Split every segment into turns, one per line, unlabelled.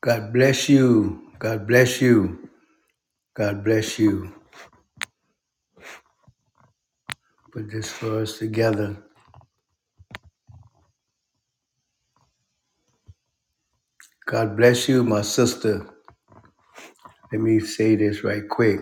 God bless you. God bless you. God bless you. Put this for us together. God bless you, my sister. Let me say this right quick.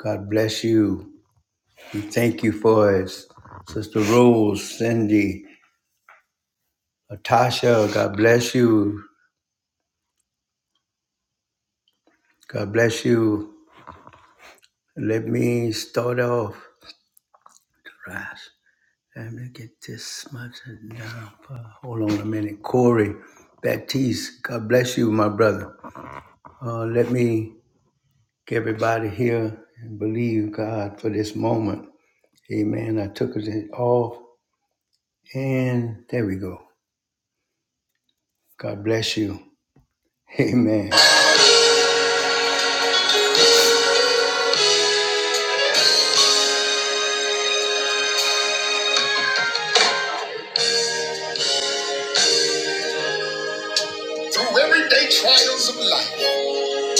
God bless you. We thank you for us. Sister Rose, Cindy, Natasha, God bless you. God bless you. Let me start off. Rise. Let me get this much down. Hold on a minute. Corey Baptiste, God bless you, my brother. Uh, let me everybody here and believe God for this moment. Amen. I took it off and there we go. God bless you. Amen. Through everyday trials of life,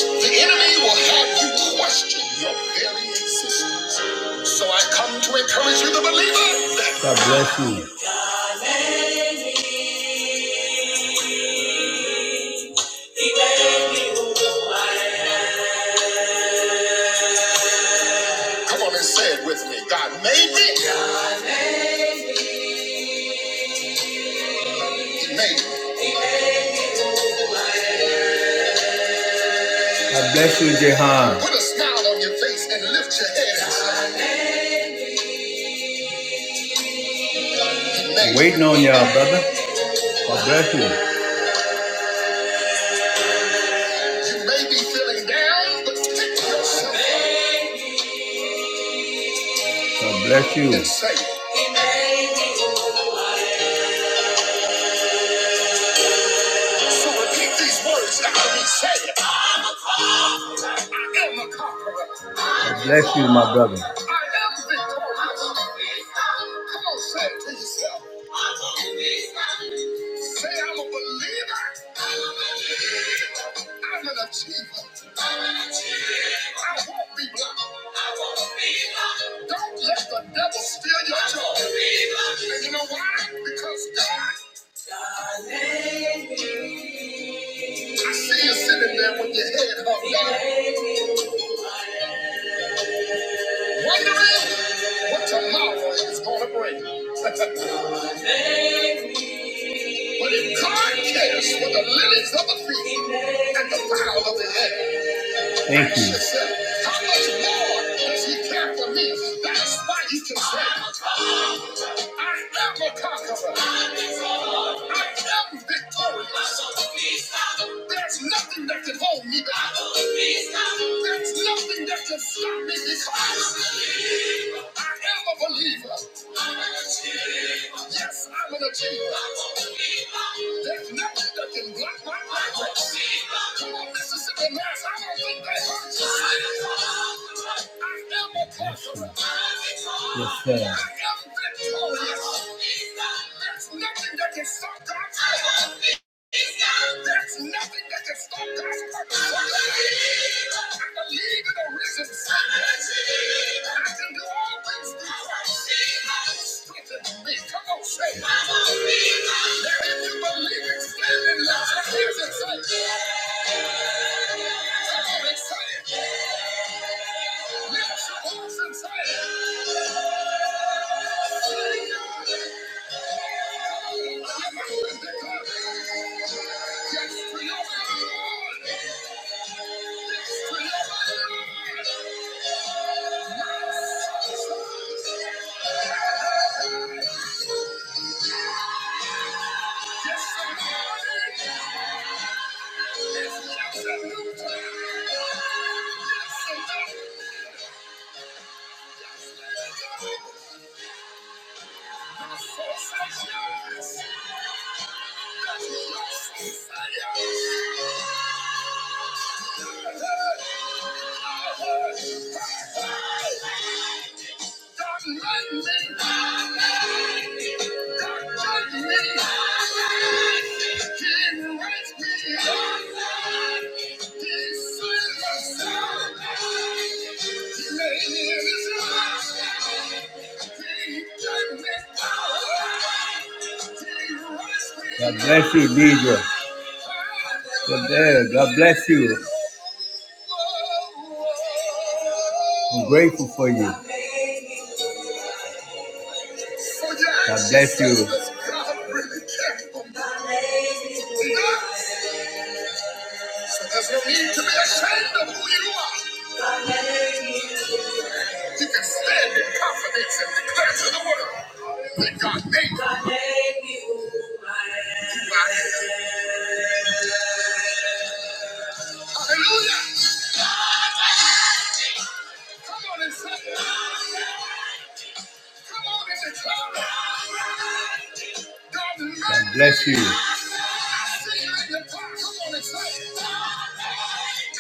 the enemy will have you question your very existence. So I come to encourage you, the believer. That God bless you. Come on and say it with me. God made me. I bless you, Jehan. Put a smile on your face and lift your head I'm waiting on y'all, brother. God bless you. You may be feeling down, but pick yourself up God bless you. and say, So repeat these words after me. Say I God bless you, my brother. Don't let the devil steal your joy. And you know why? Because God I see you sitting there with your head hung down, wondering what tomorrow is going to bring. but if God cares for the lilies of the field and the fowl of the air, Thank you. how much more does he care for me? That's why you can say. I am a conqueror. I am victorious. There's nothing that can hold me back. There's nothing that can stop me because I am a believer. Yes, I'm an achiever. There's nothing that can block my progress. Come on, Mississippi Mass, I don't think they hurt you. I am a conqueror. Yes, sir. I am victorious. There's nothing that can stop God's will. There's nothing that can stop God's purpose from happening. I believe in the risen Savior. I can do all things through Christ. who strengthens me. Come on, say. it. Now, if you believe it, stand and lift your hands and say, Come on, and say it. Lift your voice and say Yes, Thank you. God bless you, Deidre. Good day. God bless you. I'm grateful for you. God bless you. There's no need to be ashamed of who you are. You can stand in confidence and declare to the world that God made you. I am. Hallelujah. Come on and say, come on and declare. God bless you. I see you in your heart. Come on and say it.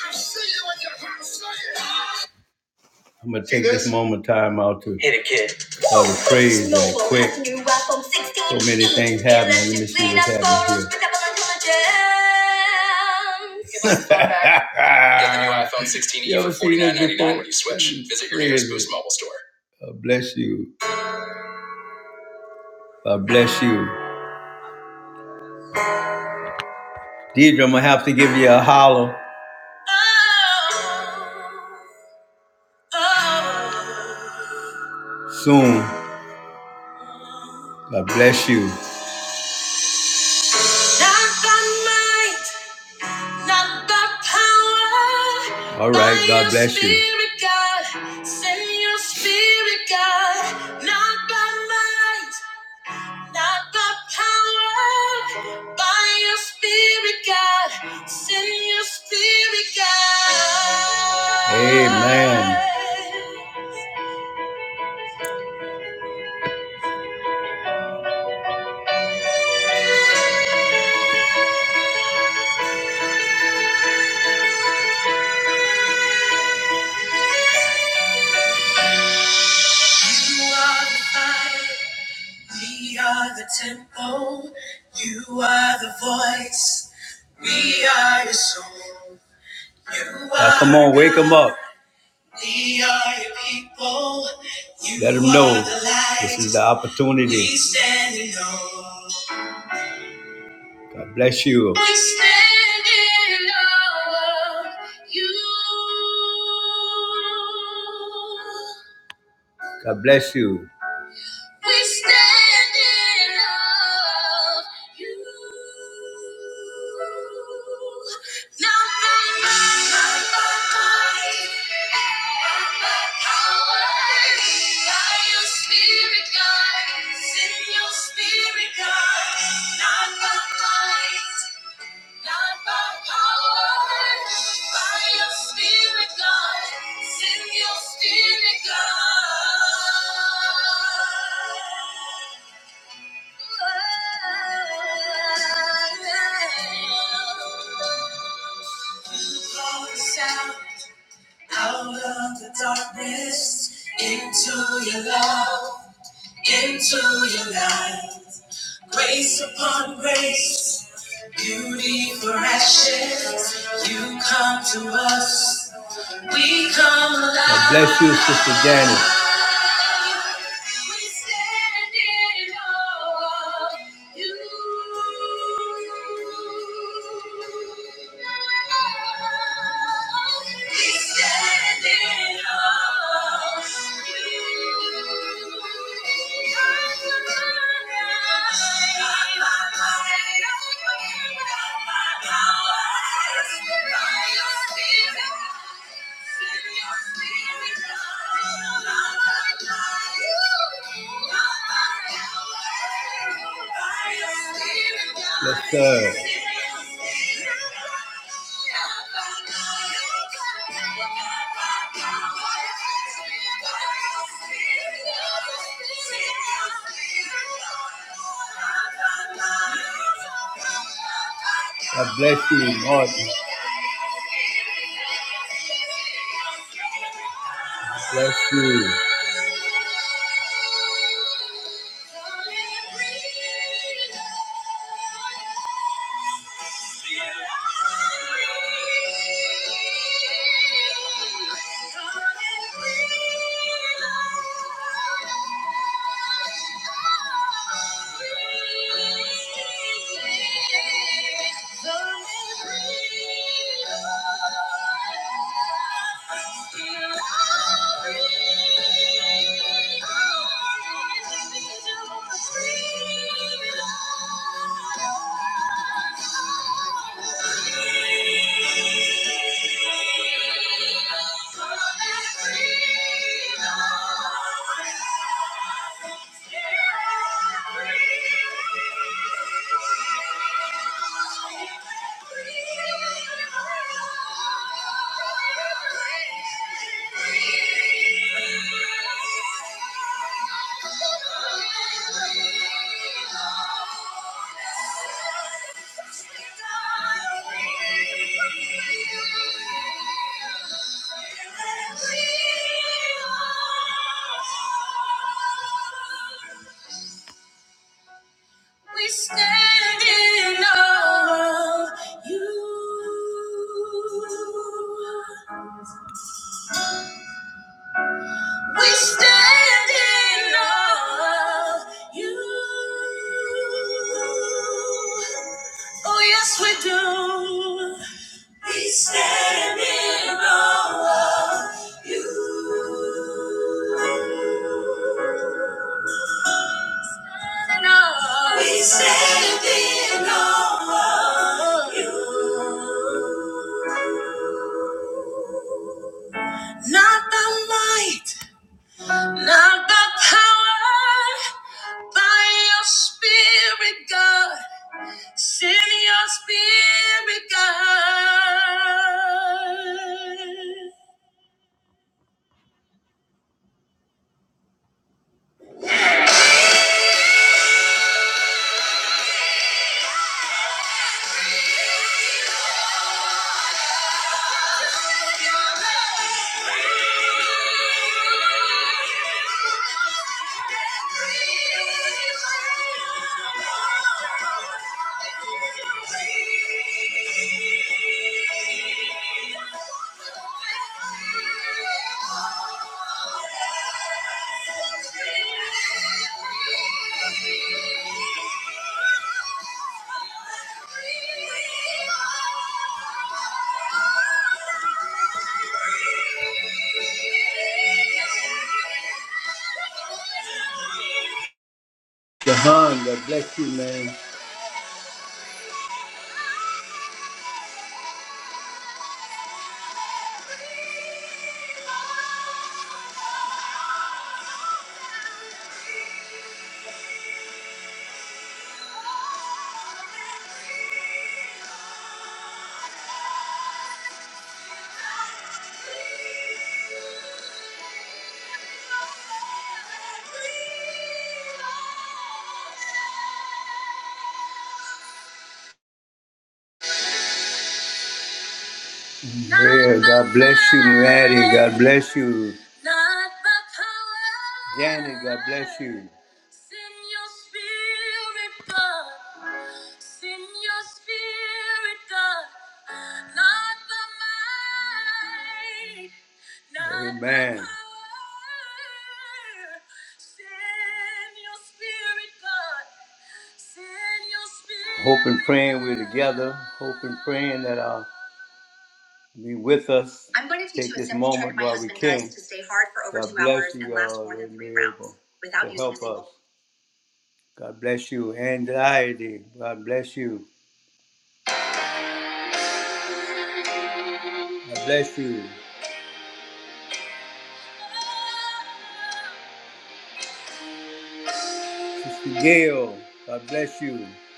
I see you in your heart. Say it. I'm gonna take this moment time out to all the praise and quick. So many things happening. Let me see what's happening here. Get the new iPhone 16e You ever for seen this 49.99 when you switch. Visit your nearest Boost Mobile store. Uh, bless you. Uh, bless you. Deidre, I'm gonna have to give you a holler. Oh, oh. Soon. God bless you. Not by might, All right, God bless you. Amen. You are the fire, we are the temple. You are the voice, we are your song. Now, come on, wake them up. We are your people. You Let them know the this is the opportunity. We stand in God bless you. We stand in awe of you. God bless you. We stand in love you. Not by might, not by might, not by power. By your spirit, God. Send your spirit, God. Not by might. Not by power, by your spirit, God. Send your spirit, God. Call us out. Out of the darkness, into your love, into your light. Grace upon grace, beauty for ashes, you come to us. We God bless you, Sister Janice. Let's go. God bless you. Lord. Bless you. Thank you. Thank you. Thank you. We stand in awe of you. We stand in awe of you. Oh, yes, we do. We stand in awe of you. We stand in awe of you. Not by might, not by power, by your spirit, God. Send your spirit, God. Thank you. Jahan, God bless you, man. Yeah, God bless you, Mary. God bless you. Janet, God bless you. Send your spirit, God. Send your spirit, God. Not the might, not Amen. The power. Send your spirit, God. Hope and praying we're together. Hope and praying that uh, be with us. I'm going to teach Take you this moment while we can. to stay hard for over God two bless hours and you, and last uh, more than uh, three rounds without to using a help single- us. Single. God bless you. Anxiety. God bless you. God bless you. Sister Gail. God bless you. Bigger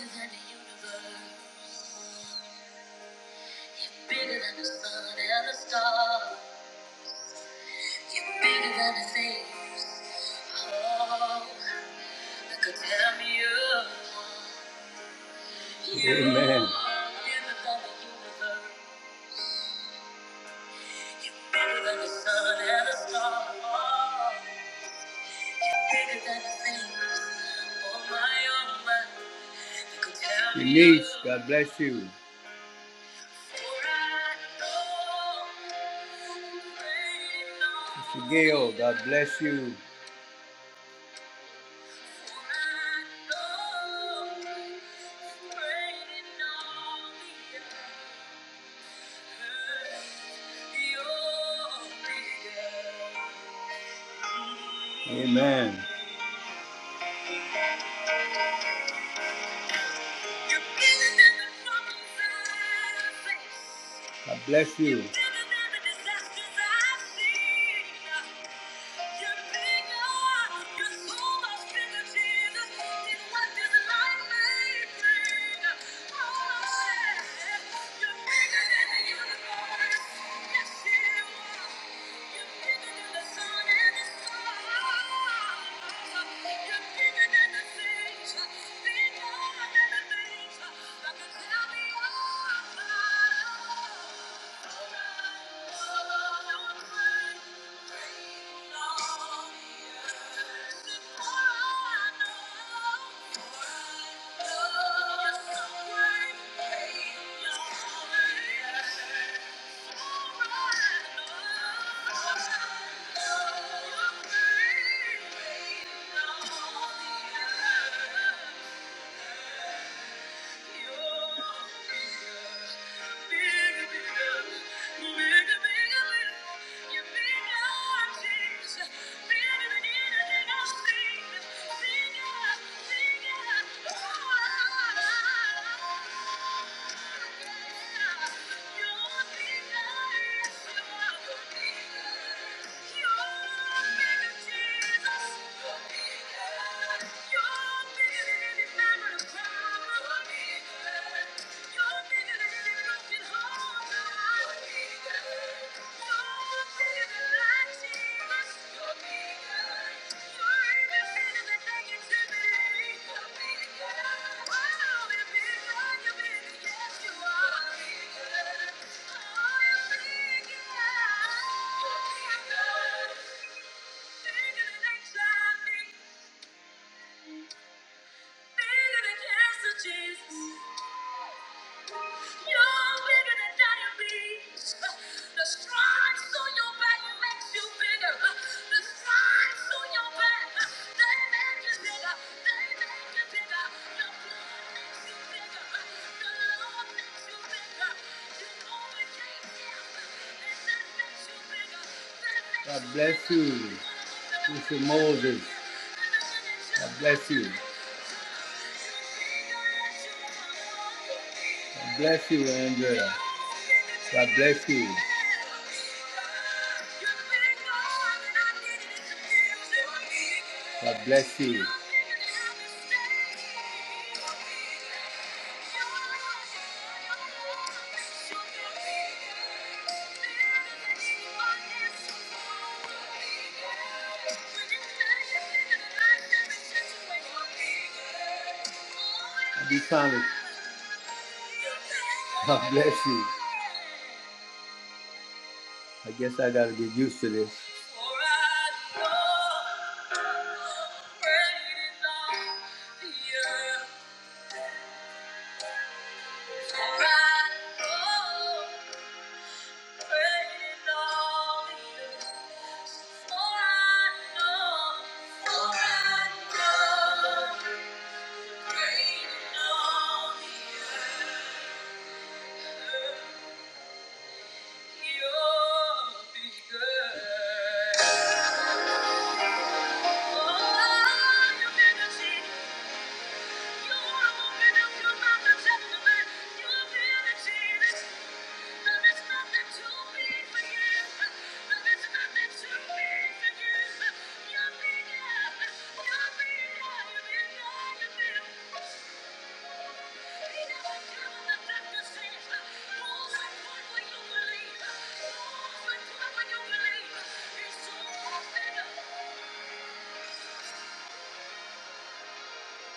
than the universe, bigger than the sun and the stars. You're bigger than the thing. Oh, that could tear me apart. Amen. Denise, God bless you. Mr. Gail, God bless you. Amen. God bless you. Thank you. You're bigger, Thank you. are bigger Thank you. Bigger than cancer, Jesus. You're bigger than diabetes. The stripes on your back makes you bigger. The stripes on your back, they make you bigger. They make you bigger. Your blood makes you bigger. The Lord makes you bigger. You overcame makes you bigger. God bless you, Mr. Moses. God bless you. God Bless you, Andrea. God bless you. God bless you. I be trying God bless you. I guess I gotta get used to this. You're bigger. Thank you.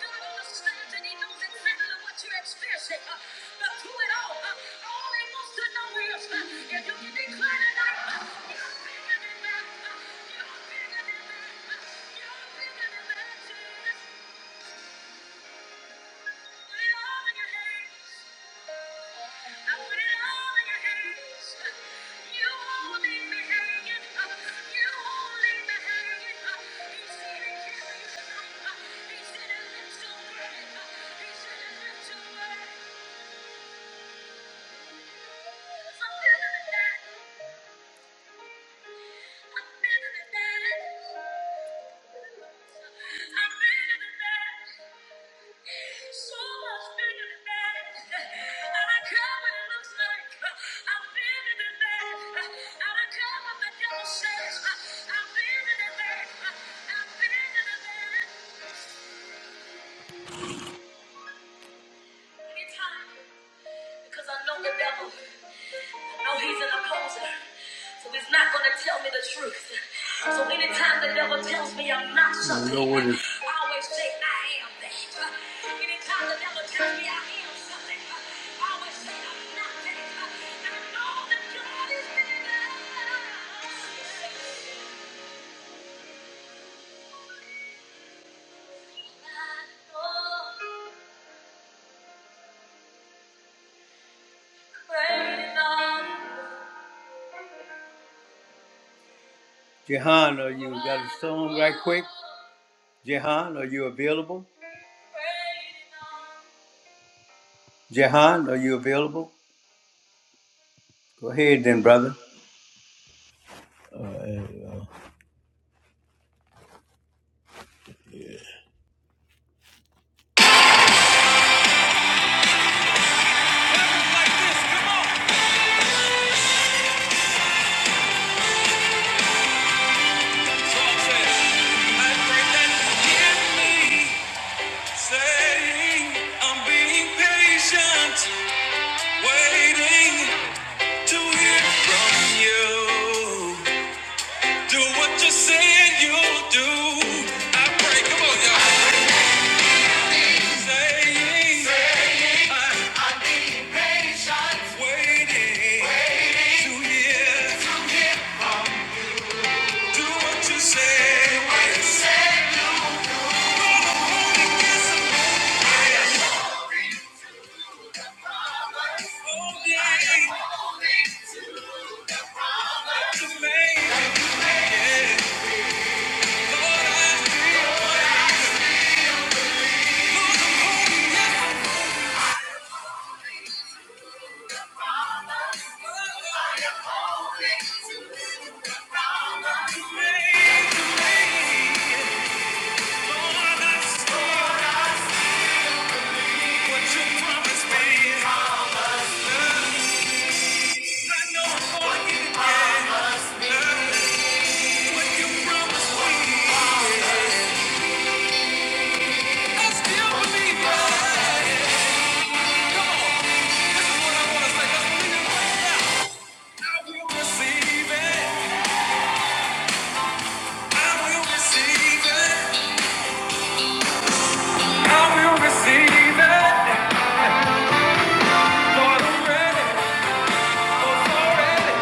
God understands and He knows exactly what you're experiencing. Uh, but through it all, uh, all He wants to know is uh, if you can declare tonight, uh, you're bigger than that. Uh, you're bigger than that. Uh, you're bigger than that. Thank you. Because I know the devil. No, he's an opposer. So he's not going to tell me the truth. So anytime the devil tells me I'm not something, I, always say I am that. Anytime the devil tells me I am something, I always say I'm not that. And I know that God is bigger. Jehan, are you got a song right quick? Jehan, are you available? Jehan, are you available? Go ahead then, brother.
Say, oh, yeah, it's amazing. I will Receive it, Lord, I'm ready, Lord, I'm ready.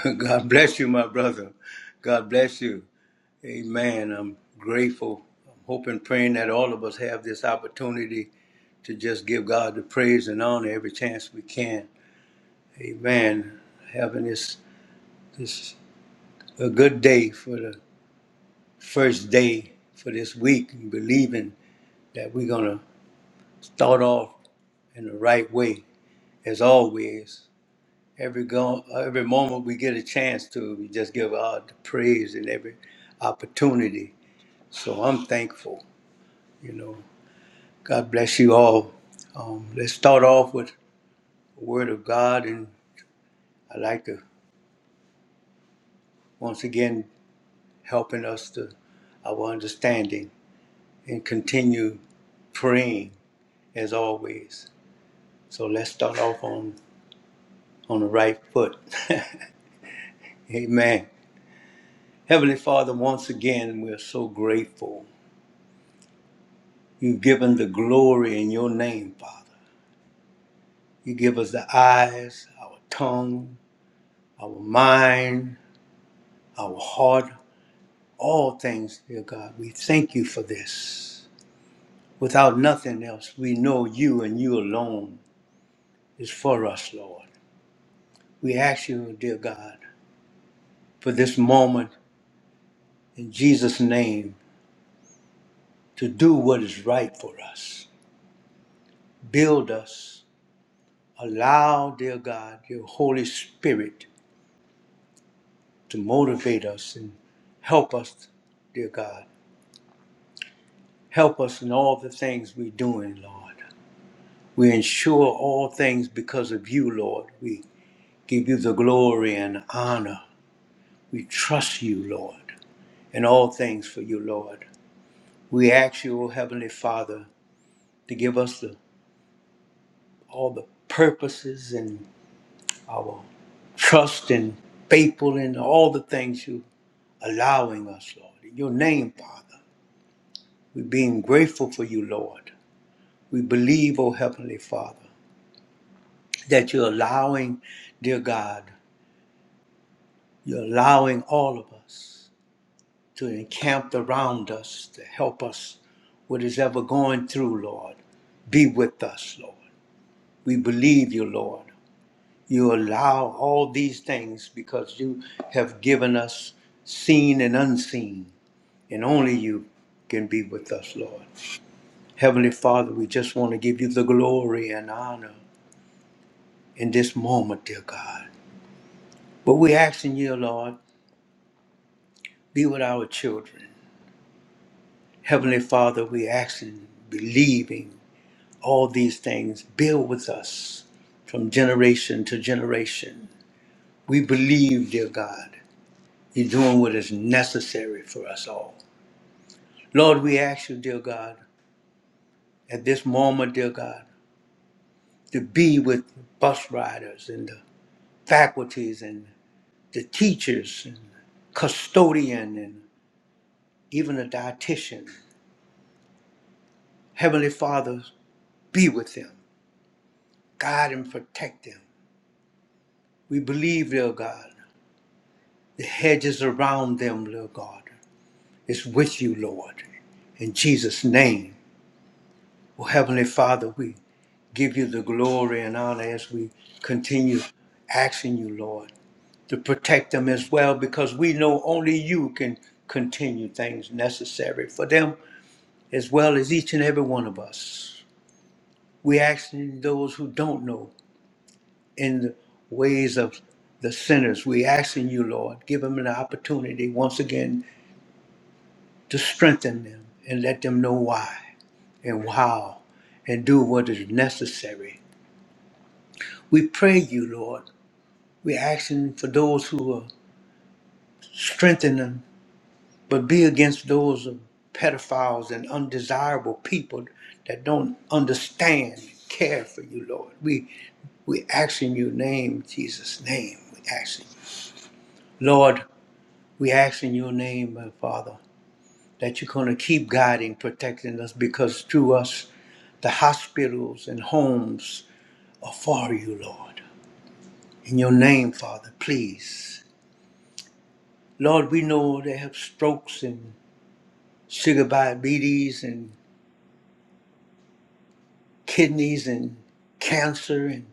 God bless you, my brother. God bless you. Amen. I'm grateful. I'm hoping, praying that all of us have this opportunity to just give God the praise and honor every chance we can. Amen. Having this this a good day for the first day for this week and believing that we're gonna start off in the right way as always. Every go, every moment we get a chance to, we just give God the praise in every opportunity. So I'm thankful, you know. God bless you all. Um, let's start off with a word of God, and I like to once again helping us to our understanding and continue praying as always. So let's start off on on the right foot. Amen. Heavenly Father, once again we're so grateful. You've given the glory in your name, Father. You give us the eyes, our tongue, our mind, our heart, all things, dear God. We thank you for this. Without nothing else, we know you and you alone is for us, Lord. We ask you, dear God, for this moment in Jesus' name to do what is right for us. Build us. Allow, dear God, your Holy Spirit to motivate us and help us, dear God. Help us in all the things we're doing, Lord. We ensure all things because of you, Lord. We give you the glory and honor. We trust you, Lord, in all things for you, Lord. We ask you, O Heavenly Father, to give us the, all the purposes and our trust and faithful in all the things you allowing us, Lord. In your name, Father, we're being grateful for you, Lord. We believe, O Heavenly Father, that you're allowing, dear God. You're allowing all of us to encamp around us to help us what is ever going through, Lord. Be with us, Lord. We believe you, Lord. You allow all these things because you have given us seen and unseen, and only you can be with us, Lord. Heavenly Father, we just want to give you the glory and honor in this moment, dear God. But we're asking you, Lord, be with our children. Heavenly Father, we asking, believing all these things. Build with us from generation to generation. We believe, dear God, you're doing what is necessary for us all. Lord, we ask you, dear God, at this moment, dear God, to be with bus riders and the faculties and the teachers and custodian and even a dietitian. Heavenly Father, be with them, guide and protect them. We believe, dear God. The hedges around them, Lord God, is with you, Lord. In Jesus' name, oh Heavenly Father, we give you the glory and honor as we continue asking you, Lord, to protect them as well, because we know only you can continue things necessary for them as well as each and every one of us. We asking those who don't know in the ways of the sinners. We asking you, Lord, give them an opportunity once again to strengthen them and let them know why and how and do what is necessary. We pray you, Lord. We're asking for those who are strengthening them, but be against those of pedophiles and undesirable people that don't understand and care for you, Lord. We we ask in your name, Jesus' name. We ask in- Lord, we ask in your name, my Father. that you're going to keep guiding, protecting us because through us, the hospitals and homes are for you, Lord. In your name, Father, please. Lord, we know they have strokes and sugar diabetes and kidneys and cancer and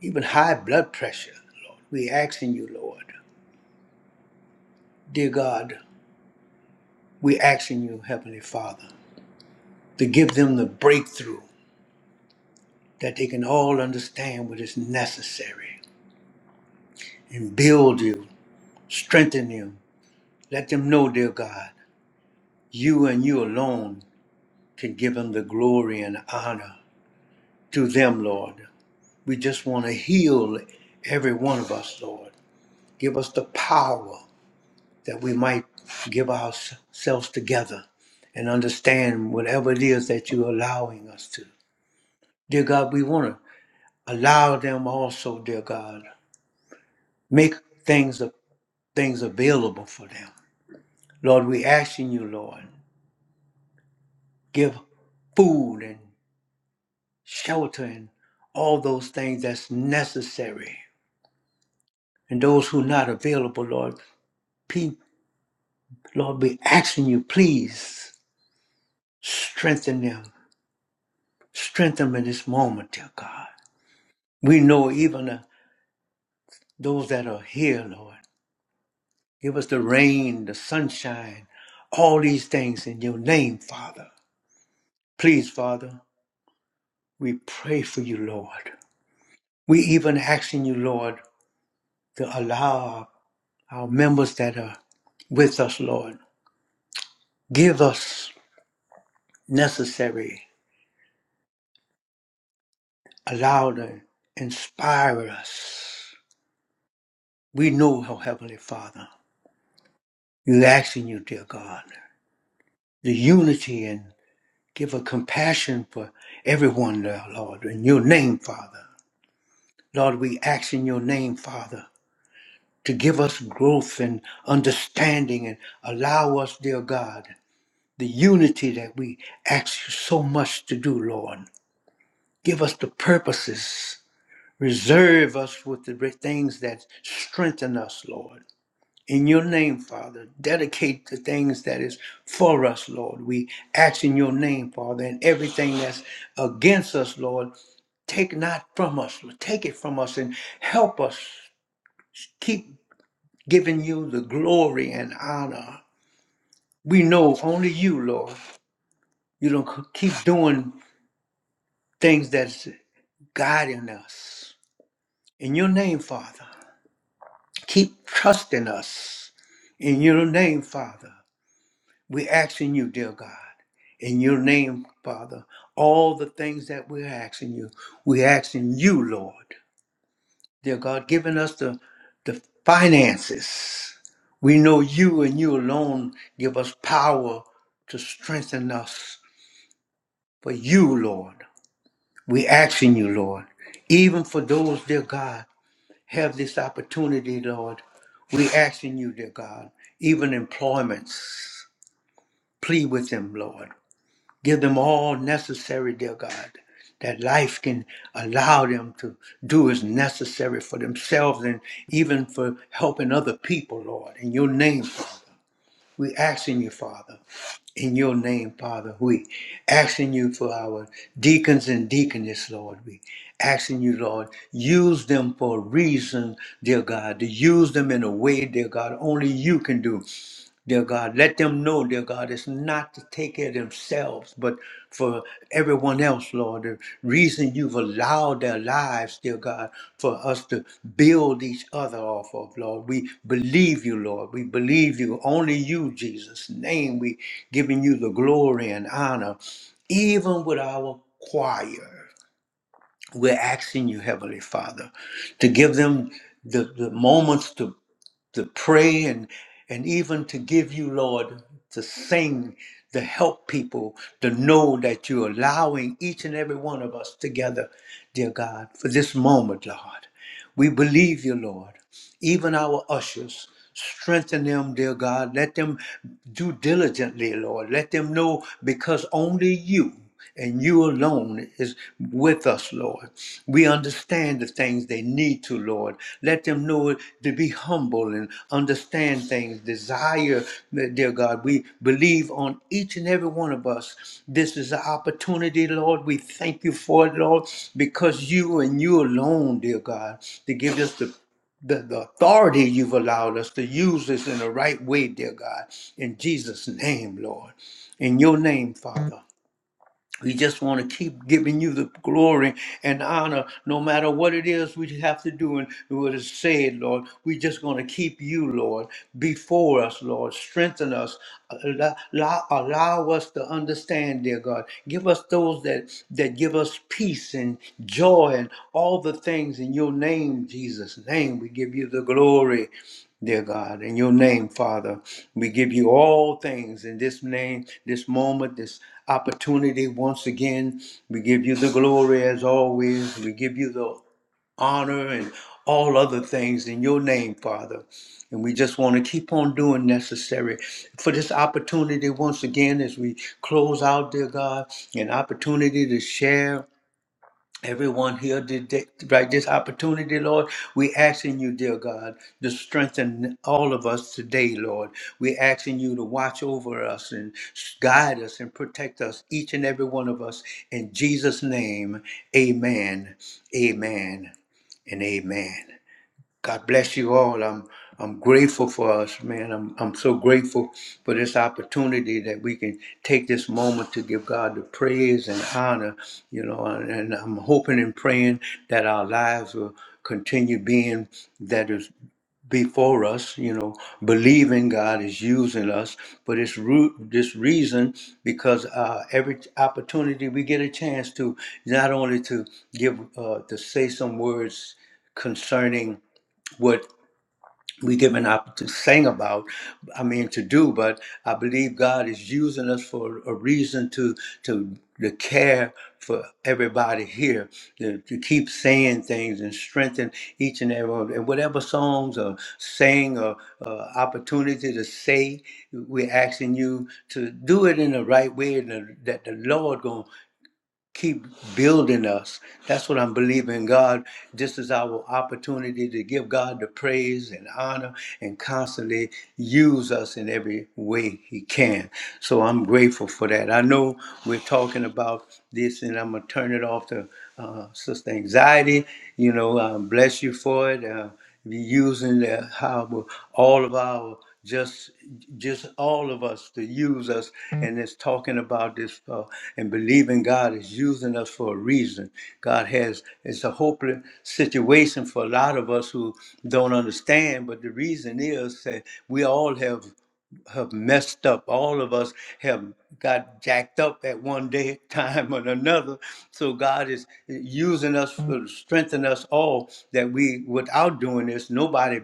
even high blood pressure, Lord. We asking you, Lord, dear God, we asking you, Heavenly Father, to give them the breakthrough that they can all understand what is necessary and build you Strengthen them. Let them know, dear God, you and you alone can give them the glory and honor to them, Lord. We just want to heal every one of us, Lord. Give us the power that we might give ourselves together and understand whatever it is that you're allowing us to. Dear God, we want to allow them also, dear God, make things things available for them. Lord, we asking you, Lord, give food and sheltering, all those things that's necessary. And those who are not available, Lord, pe- Lord, be asking you, please strengthen them. Strengthen them in this moment, dear God. We know even uh, those that are here, Lord. Give us the rain, the sunshine, all these things in your name, Father. Please, Father, we pray for you, Lord. We even asking you, Lord, to allow our members that are with us, Lord. Give us necessary, allow them, inspire us. We know, oh Heavenly Father, you're asking you, dear God, the unity and give a compassion for everyone there, Lord, in your name, Father. Lord, we ask in your name, Father, to give us growth and understanding and allow us, dear God, the unity that we ask you so much to do, Lord. Give us the purposes Reserve us with the re- things that strengthen us, Lord. In your name, Father, dedicate the things that is for us, Lord. We ask in your name, Father, and everything that's against us, Lord, take not from us, Lord. Take it from us and help us keep giving you the glory and honor. We know only you, Lord. You don't c- keep doing things that's guiding us. In your name, Father. Keep trusting us. In your name, Father, we're asking you, dear God. In your name, Father, all the things that we're asking you, we're asking you, Lord. Dear God, giving us the, the finances. We know you and you alone give us power to strengthen us. For you, Lord, we asking you, Lord, even for those, dear God. have this opportunity, Lord. We asking you, dear God, even employments, plead with them, Lord. Give them all necessary, dear God, that life can allow them to do as necessary for themselves and even for helping other people, Lord. In your name, Father, we asking you, Father in your name, Father. We asking you for our deacons and deaconess, Lord. We asking you, Lord, use them for a reason, dear God, to use them in a way, dear God, only you can do. Dear God, let them know, dear God, it's not to take care of themselves, but for everyone else, Lord. The reason you've allowed their lives, dear God, for us to build each other off of, Lord. We believe you, Lord. We believe you. Only you, Jesus' name, we giving you the glory and honor, even with our choir. We're asking you, Heavenly Father, to give them the, the moments to to pray and and even to give you lord to sing to help people to know that you're allowing each and every one of us together dear god for this moment lord we believe you lord even our ushers. Strengthen them, dear God. Let them do diligently, Lord. Let them know because only you and you alone is with us, Lord. We understand the things they need to, Lord. Let them know to be humble and understand things, desire, dear God. We believe on each and every one of us. This is an opportunity, Lord. We thank you for it, Lord, because you and you alone, dear God, to give us the the, the authority you've allowed us to use this in the right way, dear God. In Jesus' name, Lord. In your name, Father. We just want to keep giving you the glory and honor, no matter what it is we have to do and what is said, Lord. We're just going to keep you, Lord, before us, Lord. Strengthen us. Allow, allow allow us to understand, dear God. Give us those that, that give us peace and joy and all the things in your name, Jesus' name. We give you the glory dear God. In your name, Father, we give you all things in this name, this moment, this opportunity. Once again, we give you the glory as always. We give you the honor and all other things in your name, Father. And we just want to keep on doing necessary for this opportunity once again as we close out, dear God, an opportunity to share Everyone here today, right this opportunity, Lord. We asking you, dear God, to strengthen all of us today, Lord. We asking you to watch over us and guide us and protect us, each and every one of us. In Jesus' name, amen, amen, and amen. God bless you all. I'm I'm grateful for us, man. I'm I'm so grateful for this opportunity that we can take this moment to give God the praise and honor, you know, and, and I'm hoping and praying that our lives will continue being that is before us, you know, believing God is using us for this root this reason because uh, every opportunity we get a chance to not only to give uh, to say some words concerning what we given up to sing about i mean to do but i believe god is using us for a reason to to to care for everybody here to, to keep saying things and strengthen each and every one and whatever songs or saying or uh, opportunity to say we're asking you to do it in the right way and that the lord gonna keep building us. That's what I'm believing, God. This is our opportunity to give God the praise and honor and constantly use us in every way He can. So I'm grateful for that. I know we're talking about this, and I'm going to turn it off to uh, Sister Anxiety. You know, um, bless you for it. Uh, using the, how all of our just just all of us to use us and it's talking about this uh, and believing god is using us for a reason god has it's a hopeless situation for a lot of us who don't understand but the reason is that we all have have messed up. All of us have got jacked up at one day time or another. So God is using us to strengthen us all that we without doing this, nobody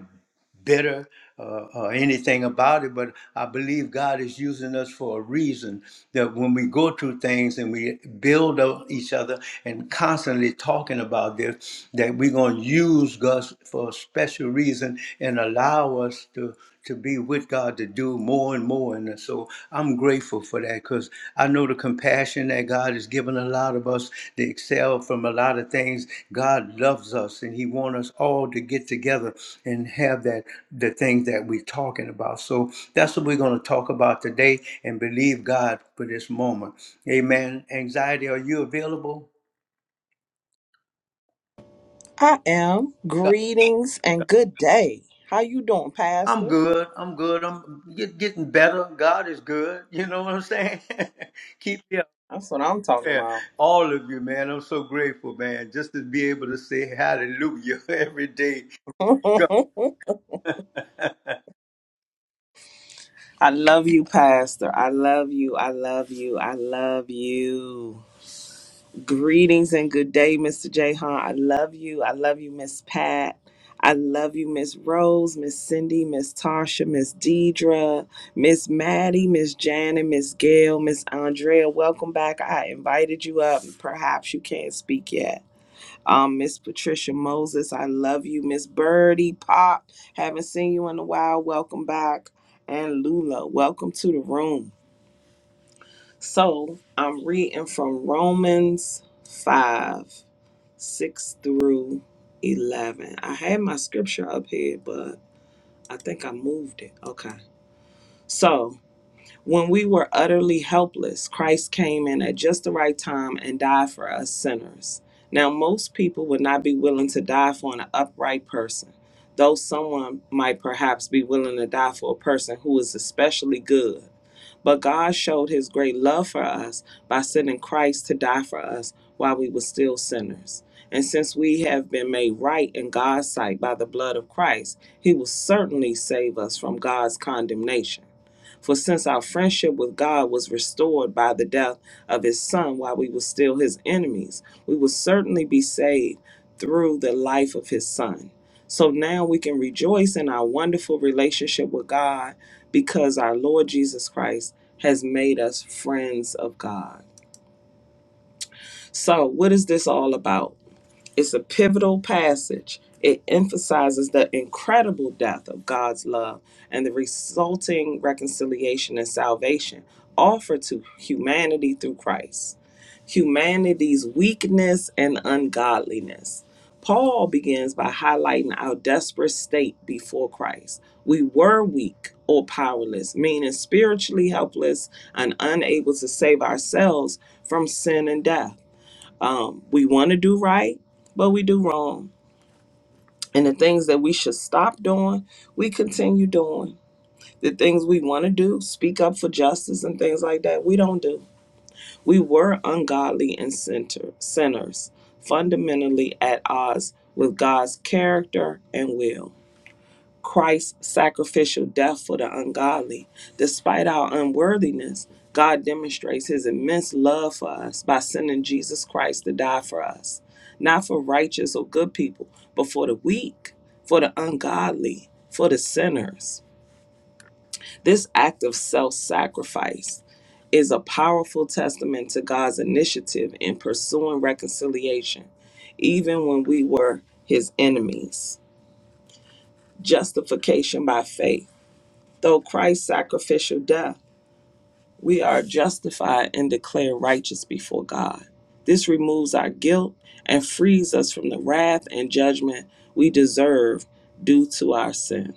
bitter uh, or anything about it, but I believe God is using us for a reason that when we go through things and we build up each other and constantly talking about this, that we're going to use God for a special reason and allow us to to be with God to do more and more. And so I'm grateful for that because I know the compassion that God has given a lot of us to excel from a lot of things. God loves us and He wants us all to get together and have that the things that we're talking about. So that's what we're going to talk about today and believe God for this moment. Amen. Anxiety, are you available?
I am.
God.
Greetings and good day. How you doing,
I'm
Pastor?
good. I'm good. I'm get, getting better. God is good. You know what I'm saying? Keep me up.
That's what I'm talking
Man,
about.
all of you, man. I'm so grateful, man, just to be able to say hallelujah every day. God.
I love you, Pastor. I love you. I love you. I love you. Greetings and good day, Mr. Jahan. I love you. I love you, Miss Pat. I love you, Miss Rose, Miss Cindy, Miss Tasha, Miss Deidre, Miss Maddie, Miss Janet, Miss Gail, Miss Andrea. Welcome back. I invited you up. Perhaps you can't speak yet. Um, Miss Patricia Moses, I love you. Miss Birdie Pop, haven't seen you in a while. Welcome back. And Lula, welcome to the room. So I'm reading from Romans 5, 6 through 11. I had my scripture up here, but I think I moved it. Okay. So When we were utterly helpless, Christ came in at just the right time and died for us sinners. Now, most people would not be willing to die for an upright person, though someone might perhaps be willing to die for a person who is especially good. But God showed his great love for us by sending Christ to die for us while we were still sinners. And since we have been made right in God's sight by the blood of Christ, he will certainly save us from God's condemnation. For since our friendship with God was restored by the death of his son while we were still his enemies, we will certainly be saved through the life of his son. So now we can rejoice in our wonderful relationship with God because our Lord Jesus Christ has made us friends of God. So, what is this all about? It's a pivotal passage. It emphasizes the incredible depth of God's love and the resulting reconciliation and salvation offered to humanity through Christ, humanity's weakness and ungodliness. Paul begins by highlighting our desperate state before Christ. We were weak or powerless, meaning spiritually helpless and unable to save ourselves from sin and death. Um, we want to do right, but we do wrong. And the things that we should stop doing, we continue doing. The things we want to do, speak up for justice and things like that, we don't do. We were ungodly and center, sinners, fundamentally at odds with God's character and will. Christ's sacrificial death for the ungodly. Despite our unworthiness, God demonstrates his immense love for us by sending Jesus Christ to die for us, not for righteous or good people, but for the weak, for the ungodly, for the sinners. This act of self sacrifice is a powerful testament to God's initiative in pursuing reconciliation, even when we were his enemies. Justification by faith. Through Christ's sacrificial death, we are justified and declared righteous before God. This removes our guilt and frees us from the wrath and judgment we deserve due to our sin.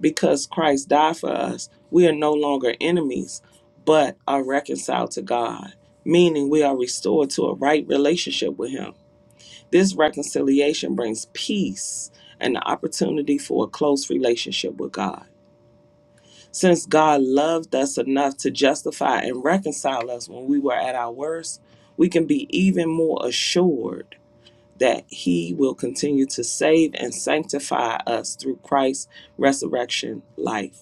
Because Christ died for us, we are no longer enemies, but are reconciled to God, meaning we are restored to a right relationship with Him. This reconciliation brings peace and the opportunity for a close relationship with God. Since God loved us enough to justify and reconcile us when we were at our worst, we can be even more assured that He will continue to save and sanctify us through Christ's resurrection life.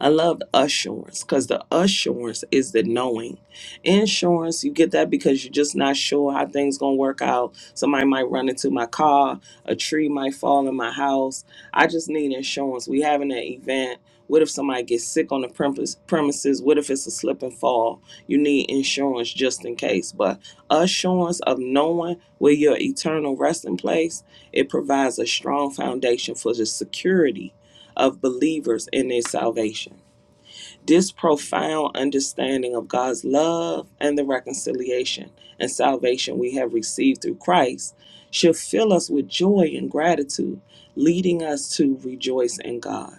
I love assurance because the assurance is the knowing. Insurance, you get that because you're just not sure how things gonna work out. Somebody might run into my car, a tree might fall in my house. I just need insurance. We having an event. What if somebody gets sick on the premise- premises? What if it's a slip and fall? You need insurance just in case. But assurance of knowing where your eternal resting place, it provides a strong foundation for the security of believers in their salvation. This profound understanding of God's love and the reconciliation and salvation we have received through Christ should fill us with joy and gratitude, leading us to rejoice in God.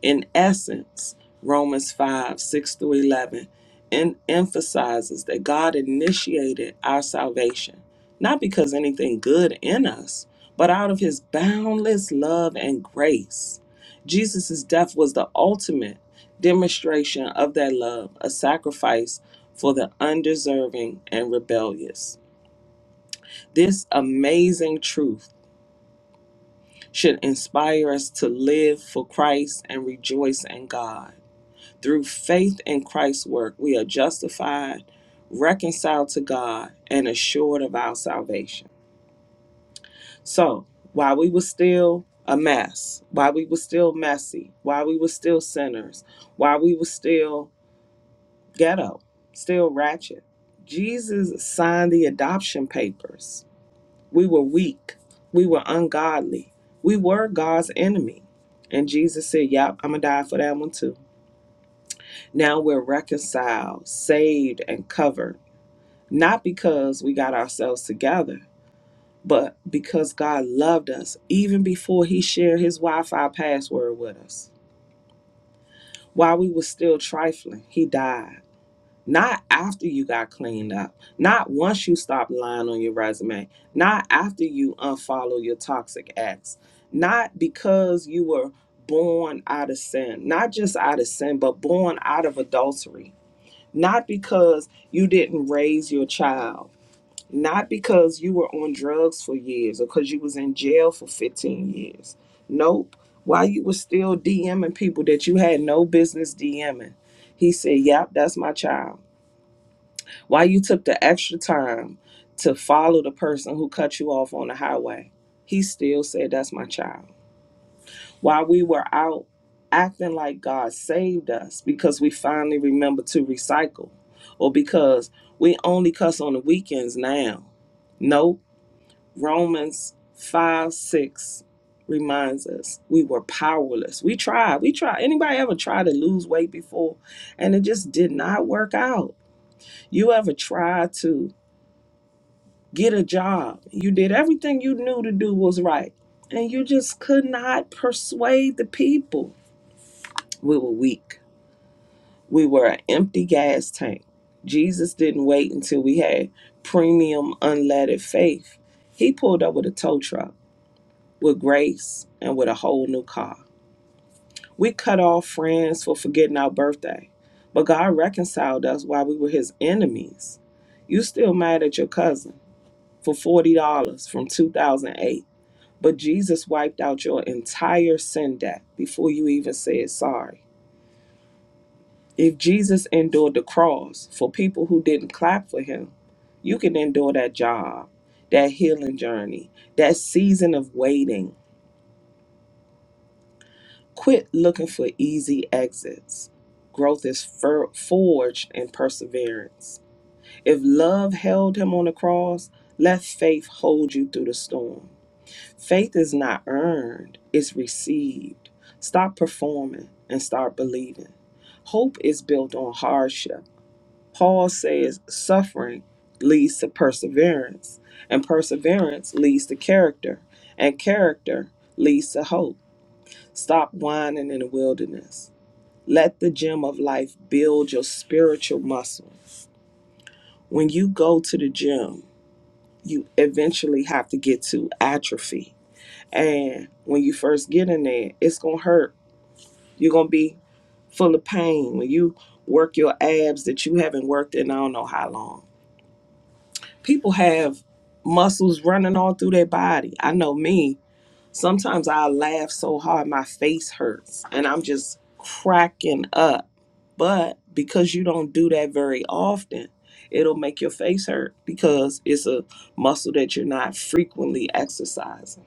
In essence, Romans 5 6 through 11 en- emphasizes that God initiated our salvation, not because anything good in us, but out of his boundless love and grace. Jesus' death was the ultimate demonstration of that love, a sacrifice for the undeserving and rebellious. This amazing truth should inspire us to live for Christ and rejoice in God. Through faith in Christ's work, we are justified, reconciled to God, and assured of our salvation. So, while we were still a mess, while we were still messy, while we were still sinners, while we were still ghetto, still ratchet, Jesus signed the adoption papers. We were weak, we were ungodly, we were God's enemy. And Jesus said, Yep, I'm gonna die for that one too. Now we're reconciled, saved, and covered, not because we got ourselves together, but because God loved us even before He shared His Wi Fi password with us. While we were still trifling, He died. Not after you got cleaned up, not once you stopped lying on your resume, not after you unfollow your toxic ex, not because you were born out of sin, not just out of sin, but born out of adultery not because you didn't raise your child, not because you were on drugs for years or because you was in jail for 15 years. Nope. While you were still DMing people that you had no business DMing, he said, Yep, that's my child. Why you took the extra time to follow the person who cut you off on the highway, he still said, That's my child while we were out acting like God saved us because we finally remembered to recycle or because we only cuss on the weekends now. No, Romans 5 6 reminds us we were powerless. We tried. We tried. Anybody ever tried to lose weight before and it just did not work out? You ever tried to get a job? You did everything you knew to do was right and you just could not persuade the people We were weak. We were an empty gas tank. Jesus didn't wait until we had premium unleaded faith. He pulled up with a tow truck, with grace, and with a whole new car. We cut off friends for forgetting our birthday, but God reconciled us while we were his enemies. You still mad at your cousin for $40 from 2008, but Jesus wiped out your entire sin debt before you even said sorry. If Jesus endured the cross for people who didn't clap for him, you can endure that job, that healing journey, that season of waiting. Quit looking for easy exits. Growth is for- forged in perseverance. If love held him on the cross, let faith hold you through the storm. Faith is not earned, it's received. Stop performing and start believing. Hope is built on hardship. Paul says suffering leads to perseverance, and perseverance leads to character, and character leads to hope. Stop whining in the wilderness. Let the gym of life build your spiritual muscle. When you go to the gym, you eventually have to get to atrophy. And when you first get in there, it's going to hurt. You're going to be full of pain when you work your abs that you haven't worked in I don't know how long people have muscles running all through their body. I know me. Sometimes I laugh so hard my face hurts and I'm just cracking up. But because you don't do that very often, it'll make your face hurt because it's a muscle that you're not frequently exercising.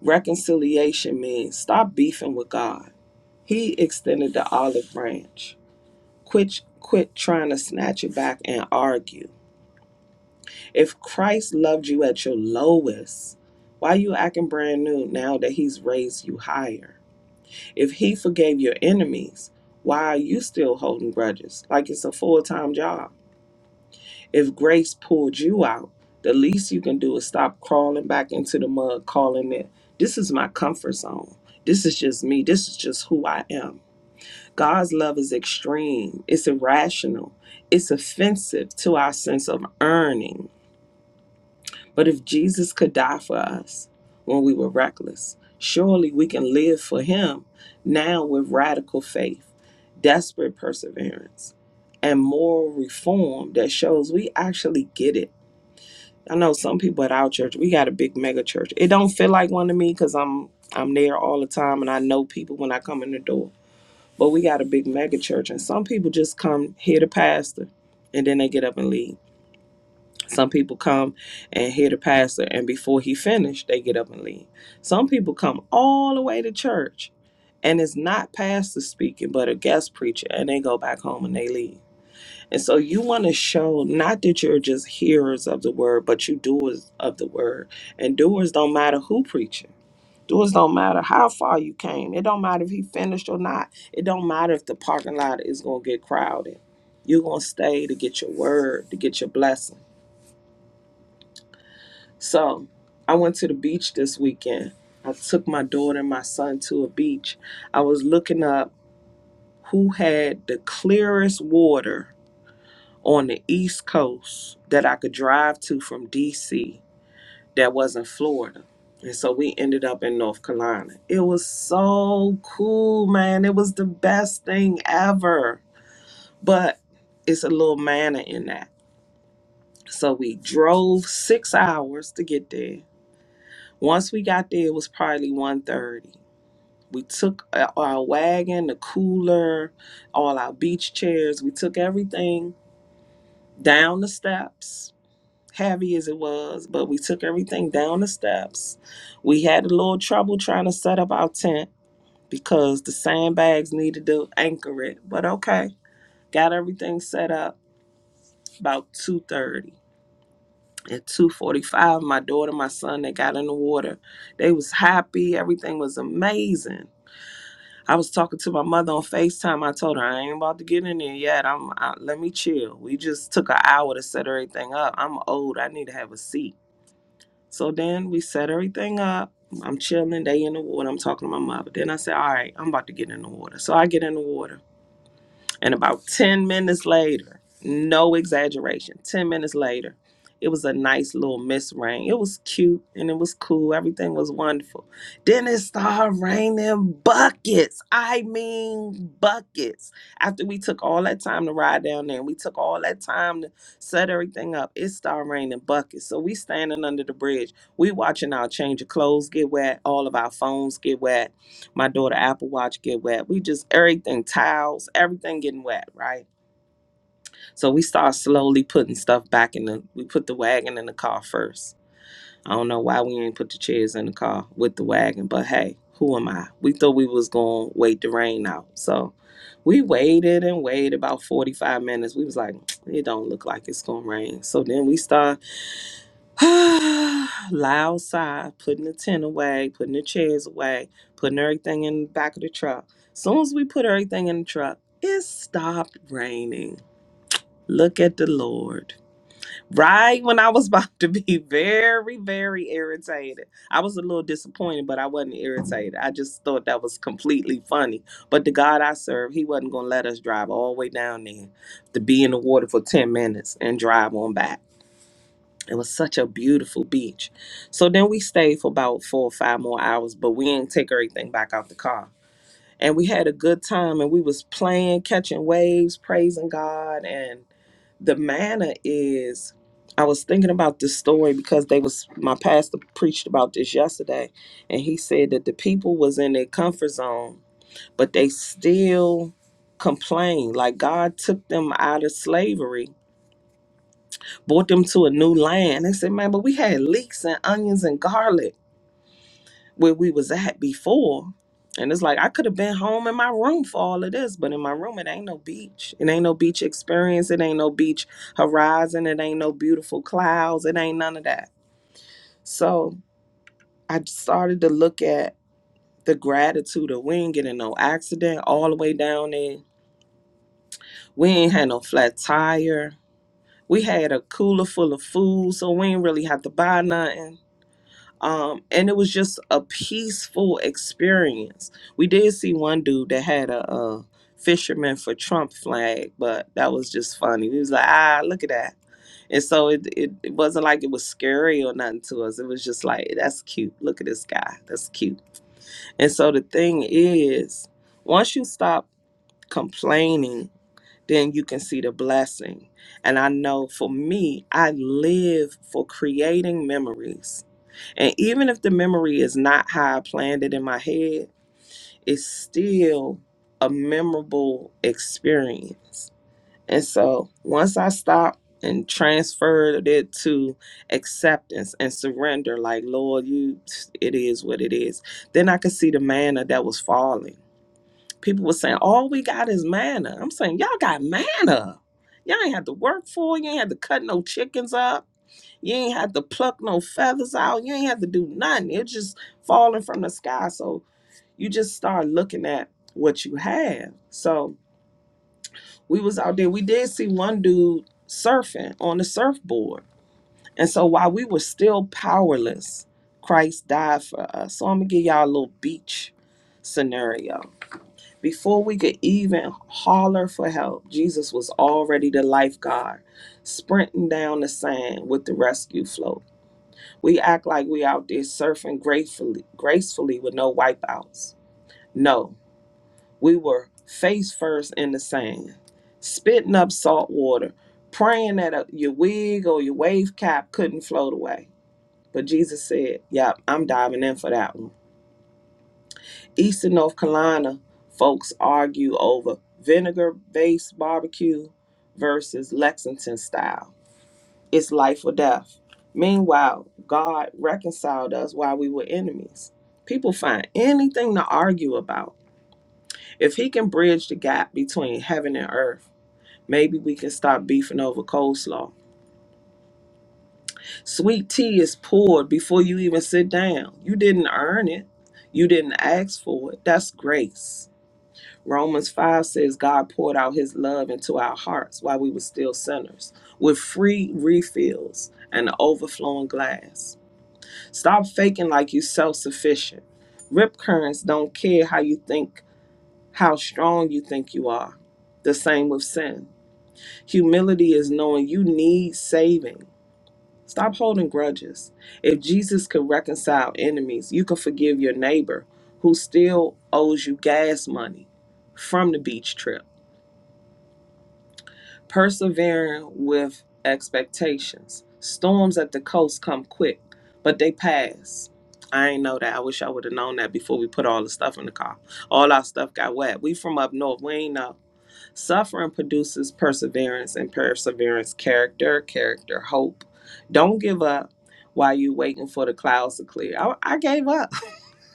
Reconciliation means stop beefing with God. He extended the olive branch. Quit quit trying to snatch it back and argue If Christ loved you at your lowest, why you acting brand new now that he's raised you higher? If he forgave your enemies, why are you still holding grudges like it's a full-time job? If grace pulled you out, the least you can do is stop crawling back into the mud calling it, this is my comfort zone. This is just me. This is just who I am. God's love is extreme. It's irrational. It's offensive to our sense of earning But if Jesus could die for us when we were reckless, surely we can live for him now with radical faith, desperate perseverance, and moral reform that shows we actually get it. I know some people at our church, we got a big mega church. It don't feel like one to me because I'm I'm there all the time and I know people when I come in the door. But we got a big mega church and some people just come hear the pastor and then they get up and leave some people come and hear the pastor, and before he finished, they get up and leave. Some people come all the way to church, and it's not pastor speaking, but a guest preacher, and they go back home and they leave. And so you want to show not that you're just hearers of the word, but you doers of the word. And doers don't matter who preaching. Doers don't matter how far you came. It don't matter if he finished or not. It don't matter if the parking lot is gonna get crowded. You're gonna stay to get your word, to get your blessing. So I went to the beach this weekend. I took my daughter and my son to a beach. I was looking up who had the clearest water on the East Coast that I could drive to from DC that wasn't Florida. And so we ended up in North Carolina. It was so cool, man. It was the best thing ever. But it's a little manna in that. So we drove six hours to get there Once we got there, it was probably one thirty. We took uh, our wagon, the cooler, all our beach chairs. We took everything down the steps, heavy as it was, but we took everything down the steps. We had a little trouble trying to set up our tent because the sandbags needed to anchor it. But okay, got everything set up about 2.30. At 2.45, my daughter, my son, they got in the water. They was happy. Everything was amazing I was talking to my mother on FaceTime. I told her I ain't about to get in there yet. I'm I, let me chill. We just took an hour to set everything up. I'm old. I need to have a seat. So then we set everything up. I'm chilling. They in the water. I'm talking to my mother. Then I said, all right, I'm about to get in the water. So I get in the water. And about 10 minutes later, no exaggeration, 10 minutes later, it was a nice little mist rain. It was cute and it was cool. Everything was wonderful. Then it started raining buckets. I mean, buckets. After we took all that time to ride down there and we took all that time to set everything up, it started raining buckets. So we standing under the bridge. We watching our change of clothes get wet, all of our phones get wet my daughter apple watch get wet we just everything towels everything getting wet right so we start slowly putting stuff back in the we put the wagon in the car first i don't know why we ain't put the chairs in the car with the wagon but hey who am i we thought we was gonna wait the rain out so we waited and waited about 45 minutes we was like it don't look like it's gonna rain so then we start Loud sigh, putting the tent away, putting the chairs away, putting everything in the back of the truck. Soon as we put everything in the truck, it stopped raining. Look at the Lord. Right when I was about to be very, very irritated, I was a little disappointed, but I wasn't irritated. I just thought that was completely funny. But the God I serve, He wasn't going to let us drive all the way down there to be in the water for 10 minutes and drive on back. It was such a beautiful beach. So then we stayed for about four or five more hours, but we didn't take everything back out the car. And we had a good time and we was playing, catching waves, praising God. And the manner is I was thinking about this story because they was my pastor preached about this yesterday and he said that the people was in their comfort zone, but they still complained. Like God took them out of slavery brought them to a new land and said, man, but we had leeks and onions and garlic where we was at before. And it's like I could have been home in my room for all of this, but in my room it ain't no beach. It ain't no beach experience. It ain't no beach horizon. It ain't no beautiful clouds. It ain't none of that. So I started to look at the gratitude of we ain't getting no accident all the way down there. We ain't had no flat tire. We had a cooler full of food, so we ain't really have to buy nothing um, and it was just a peaceful experience. We did see one dude that had a, uh fisherman for Trump flag, but that was just funny. We was like, ah, look at that. And so it, it it wasn't like it was scary or nothing to us. It was just like that's cute. Look at this guy. That's cute. And so the thing is, once you stop complaining, then you can see the blessing. And I know for me, I live for creating memories and even if the memory is not how I planned it in my head, it's still a memorable experience. And so once I stopped and transferred it to acceptance and surrender, like, Lord, you, it is what it is, then I could see the manna that was falling. People were saying, all we got is manna. I'm saying, y'all got manna. Y'all ain't had to work for it. You ain't had to cut no chickens up you ain't had to pluck no feathers out. You ain't had to do nothing. It's just falling from the sky. So you just start looking at what you have. So we was out there. We did see one dude surfing on the surfboard. And so while we were still powerless, Christ died for us. So I'm gonna give y'all a little beach scenario. Before we could even holler for help, Jesus was already the lifeguard sprinting down the sand with the rescue float. We act like we out there surfing gracefully, gracefully with no wipeouts. No, we were face first in the sand, spitting up salt water, praying that uh, your wig or your wave cap couldn't float away. But Jesus said, Yep, I'm diving in for that one. Eastern North Carolina folks argue over vinegar based barbecue versus Lexington style. It's life or death. Meanwhile, God reconciled us while we were enemies. People find anything to argue about. If He can bridge the gap between heaven and earth, maybe we can stop beefing over coleslaw. Sweet tea is poured before you even sit down. You didn't earn it, you didn't ask for it. That's grace. Romans 5 says God poured out his love into our hearts while we were still sinners with free refills and an overflowing glass. Stop faking like you self sufficient. Rip currents don't care how you think, how strong you think you are. The same with sin. Humility is knowing you need saving. Stop holding grudges. If Jesus could reconcile enemies, you can forgive your neighbor who still owes you gas money from the beach trip. persevering with expectations. Storms at the coast come quick, but they pass. I ain't know that. I wish I would have known that before we put all the stuff in the car. All our stuff got wet. We from up north. We ain't know. Suffering produces perseverance, and perseverance character, character hope. Don't give up while you waiting for the clouds to clear. I, I gave up.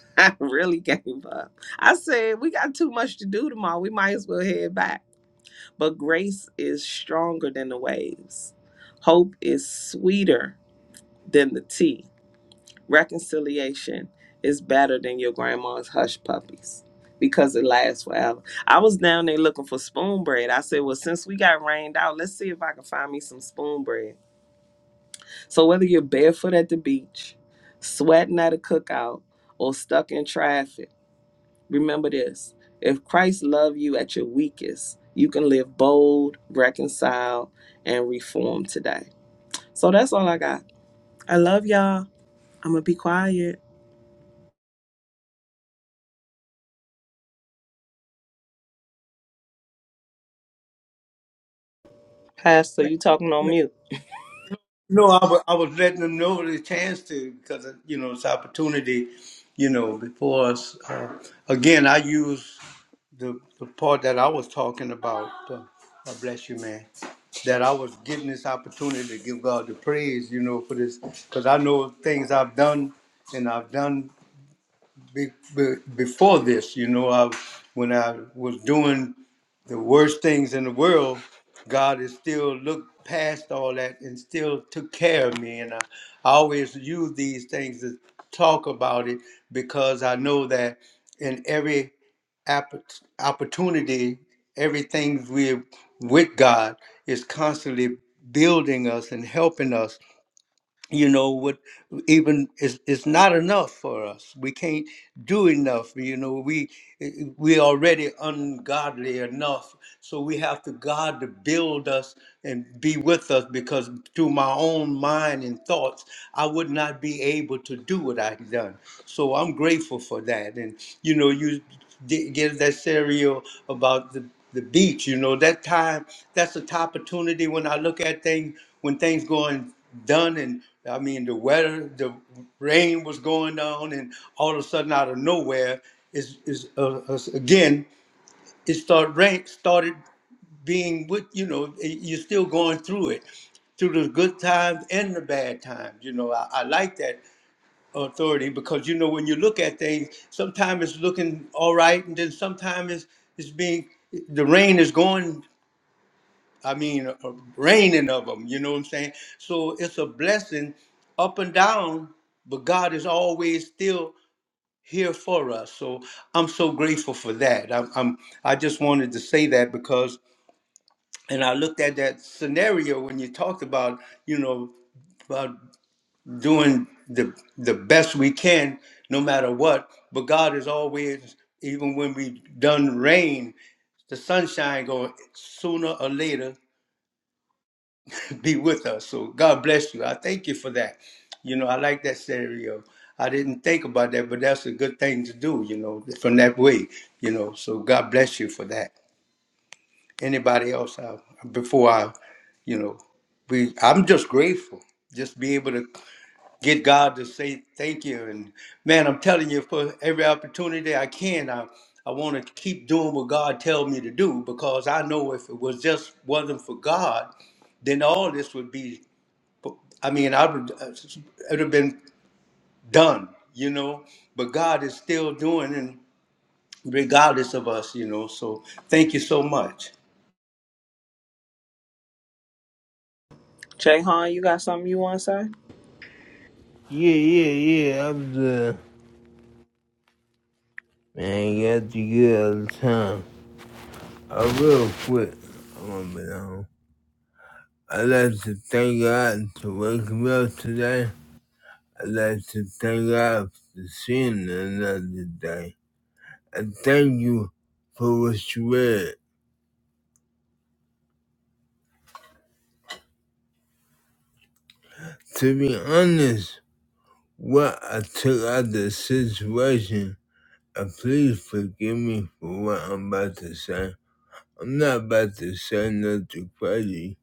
I really gave up. I said we got too much to do tomorrow. We might as well head back but grace is stronger than the waves. Hope is sweeter than the tea. Reconciliation is better than your grandma's hush puppies because it lasts forever. I was down there looking for spoon bread. I said, Well, since we got rained out, let's see if I can find me some spoon bread. So, whether you're barefoot at the beach, sweating at a cookout, or stuck in traffic, Remember this if Christ loved you at your weakest, you can live bold, reconcile, and reform today. So that's all I got. I love y'all. I'm going to be quiet. Pastor, you talking on mute.
no, I wa- I was letting them know the chance to, because, you know, it's opportunity, you know, before us. Uh, again, I use the, the part that I was talking about. Uh, God bless you, man. That I was getting this opportunity to give God the praise, you know, for this, because I know things I've done and I've done be, be, before this, you know, I, when I was doing the worst things in the world, God has still looked past all that and still took care of me. And I, I always use these things to talk about it because I know that in every app- opportunity, everything we're with God is constantly building us and helping us you know what even is is not enough for us we can't do enough you know we we already ungodly enough so we have to god to build us and be with us because through my own mind and thoughts i would not be able to do what i've done so i'm grateful for that and you know you did give that serial about the the beach. You know, that time, that's a top opportunity when I look at things, when things going done and I mean, the weather, the rain was going down, and all of a sudden, out of nowhere, is is uh, uh, again it started rain started being with you know y- you're still going through it, through the good times and the bad times. You know, I, I like that authority because you know when you look at things, sometimes it's looking all right, and then sometimes it's it's being the rain is going I mean, a raining of them. You know what I'm saying? So it's a blessing up and down, but God is always still here for us. So I'm so grateful for that. I'm, I'm I just wanted to say that because, and I looked at that scenario when you talked about, you know, about doing the the best we can, no matter what. But God is always, even when we done rain, the sunshine going sooner or later. be with us. So God bless you. I thank you for that. You know, I like that scenario. I didn't think about that, but that's a good thing to do, you know, from that way, you know. So God bless you for that. Anybody else I, before I, you know, we I'm just grateful. Just be able to get God to say thank you. And man, I'm telling you, for every opportunity I can, I I want to keep doing what God tells me to do because I know if it was just wasn't for God, then all this would be I mean, I would it would have been done, you know. But God is still doing, and regardless of us, you know. So thank you so much.
Jayhan, you got something you want to say?
Yeah, yeah, yeah, I'm the man. You have to get all the time. I real quick. I'm gonna be home. I'd like to thank God to wake me up today. I'd like to thank God for seeing another day. I thank you for what you read. To be honest, What I took out of the situation, and please forgive me for what I'm about to say. I'm not about to say nothing crazy,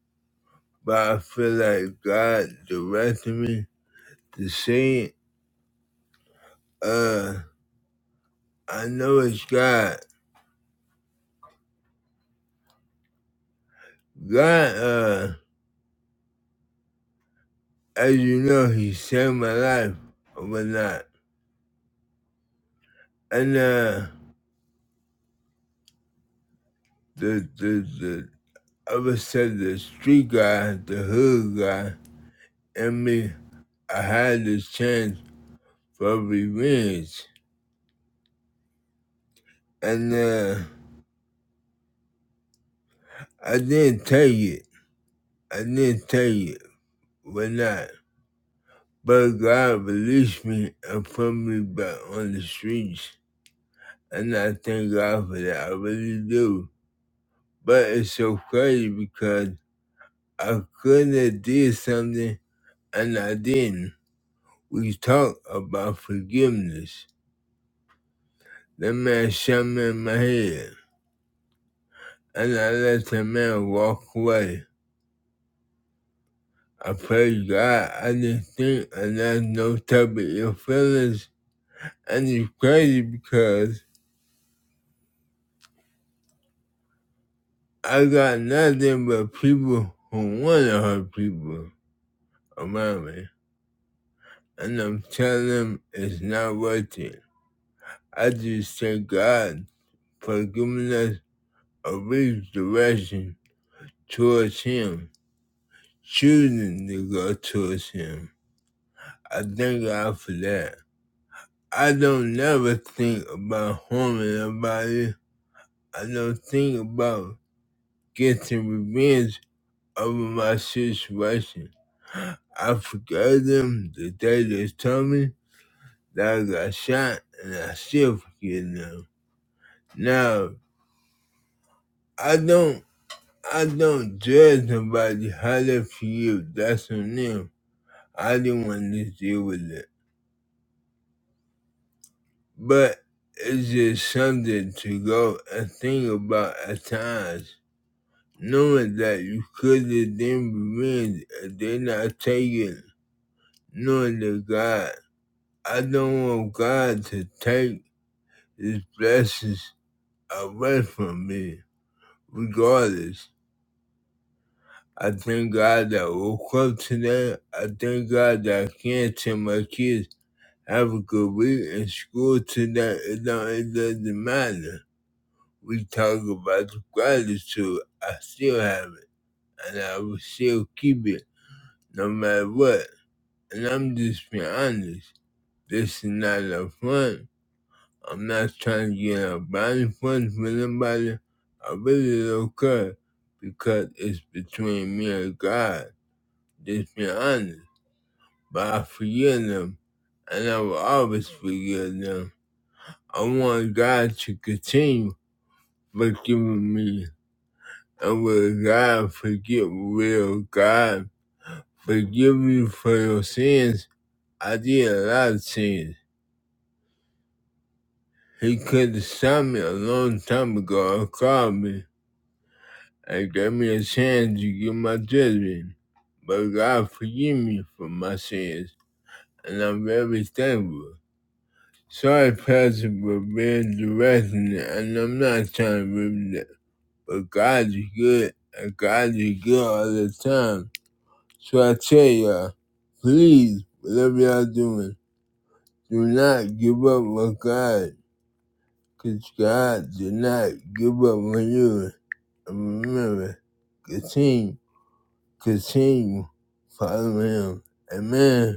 but I feel like God directed me to say it. Uh, I know it's God. God, uh, as you know, He saved my life or whatnot. And, uh, the, the, the, I would say the street guy, the hood guy, and me, I had this chance for revenge. And uh, I didn't take it. I didn't take it. But not. But God released me and put me back on the streets. And I thank God for that. I really do. But it's so crazy because I could have did something and I didn't. We talk about forgiveness. That man shot me in my head. And I let the man walk away I pray God I just think and that's no type of your feelings. And it's crazy because I got nothing but people who want to hurt people around me. And I'm telling them it's not worth it. I just thank God for giving us a real direction towards Him, choosing to go towards Him. I thank God for that. I don't never think about harming nobody I don't think about getting revenge over my situation. I forgave them the day they told me that I got shot, and I still forgive them. Now, I don't, I don't judge nobody how they feel. That's on them. I didn't want to deal with it, but it's just something to go and think about at times knowing that you could have then revenge and they're not taking. knowing that God, I don't want God to take His blessings away from me, regardless. I thank God that I woke up today. I thank God that I can tell my kids have a good week in school today. It, don't, it doesn't matter. We talk about the gratitude. I still have it, and I will still keep it no matter what. And I'm just being honest. This is not a front. I'm not trying to get a body punch with anybody. I really don't care because it's between me and God. Just be honest. But I forgive them and I will always forgive them. I want God to continue forgiving me. And will God forgive will God forgive you for your sins? I did a lot of sins. He could have stopped me a long time ago and called me and gave me a chance to get my judgment. But God forgive me for my sins, and I'm very thankful. Sorry, Pastor, for being directing, and I'm not trying to ruin that. But God is good, and God is good all the time. So I tell y'all, please, whatever y'all doing, do not give up on God, because God did not give up on you. And remember, continue continue following him. Amen.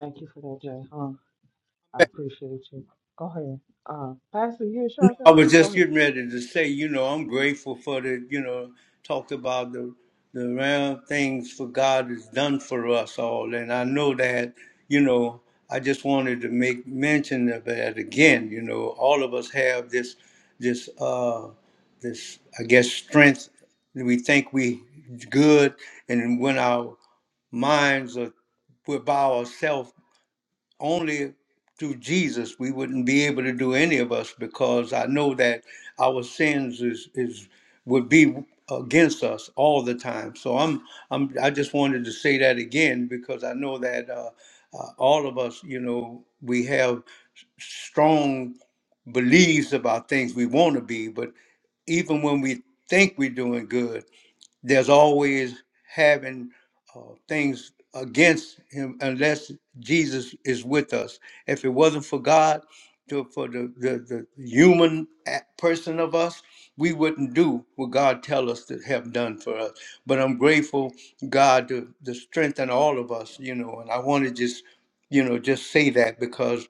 Thank you for that, Jay. Huh? I appreciate you. Go ahead. Uh, Pastor, you and Sean, say
I was
go
just
ahead.
getting ready to say, you know, I'm grateful for the, you know, talked about the the round things for God has done for us all, and I know that, you know, I just wanted to make mention of that again. You know, all of us have this, this, uh, this, I guess, strength. that We think we good, and when our minds are we're by ourselves, only through Jesus we wouldn't be able to do any of us because I know that our sins is is would be against us all the time. So I'm I'm I just wanted to say that again because I know that uh, uh, all of us, you know, we have s- strong beliefs about things we want to be, but even when we think we're doing good, there's always having uh, things against him unless Jesus is with us. If it wasn't for God, to, for the, the, the human a- person of us, we wouldn't do what God tell us to have done for us. But I'm grateful, God, to, to strengthen all of us, you know, and I want to just, you know, just say that because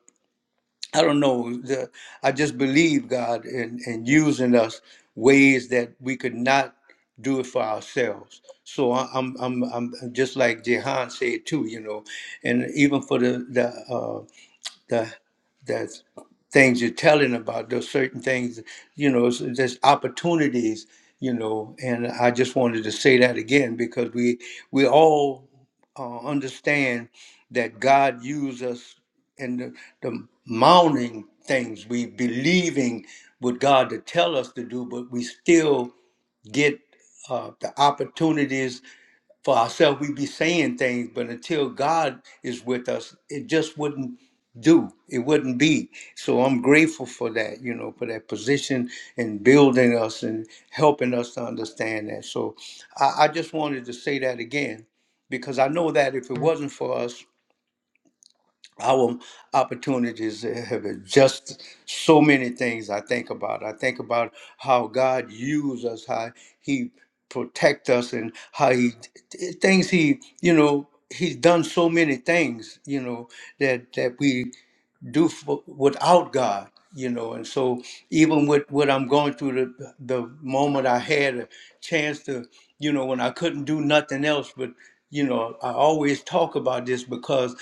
I don't know. The, I just believe God in, in using us ways that we could not do it for ourselves. So I- I'm, I'm, I'm just like Jehan said too, you know, and even for the the. uh, the the things you're telling about those certain things you know so there's opportunities you know and i just wanted to say that again because we we all uh, understand that god used us in the, the mounting things we believing what god to tell us to do but we still get uh, the opportunities for ourselves, we be saying things, but until God is with us, it just wouldn't do. It wouldn't be. So I'm grateful for that, you know, for that position and building us and helping us to understand that. So I, I just wanted to say that again because I know that if it wasn't for us, our opportunities have just so many things I think about. I think about how God used us, how He protect us, and how He things He you know He's done so many things you know that that we do for, without God, you know. And so, even with what I'm going through, the the moment I had a chance to, you know, when I couldn't do nothing else, but you know, I always talk about this because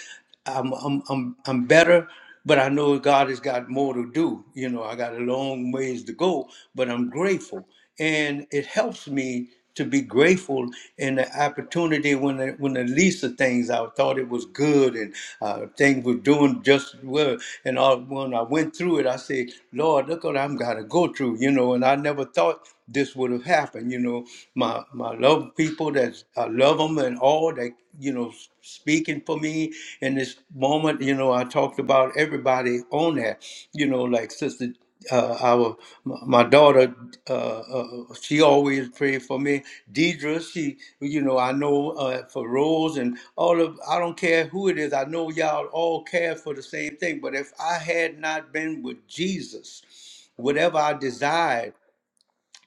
I'm I'm I'm, I'm better. But I know God has got more to do. You know, I got a long ways to go, but I'm grateful and it helps me to be grateful in the opportunity when the, when the least of things I thought it was good and uh, things were doing just well. And all, when I went through it, I said, Lord, look what I'm gotta go through, you know. And I never thought this would have happened, you know. My my love people that I love them and all that, you know, s- speaking for me in this moment, you know. I talked about everybody on that, you know, like Sister uh, our my daughter, uh, uh, she always prayed for me. Deidre, she, you know, I know uh, for Rose and all of. I don't care who it is. I know y'all all care for the same thing. But if I had not been with Jesus, whatever I desired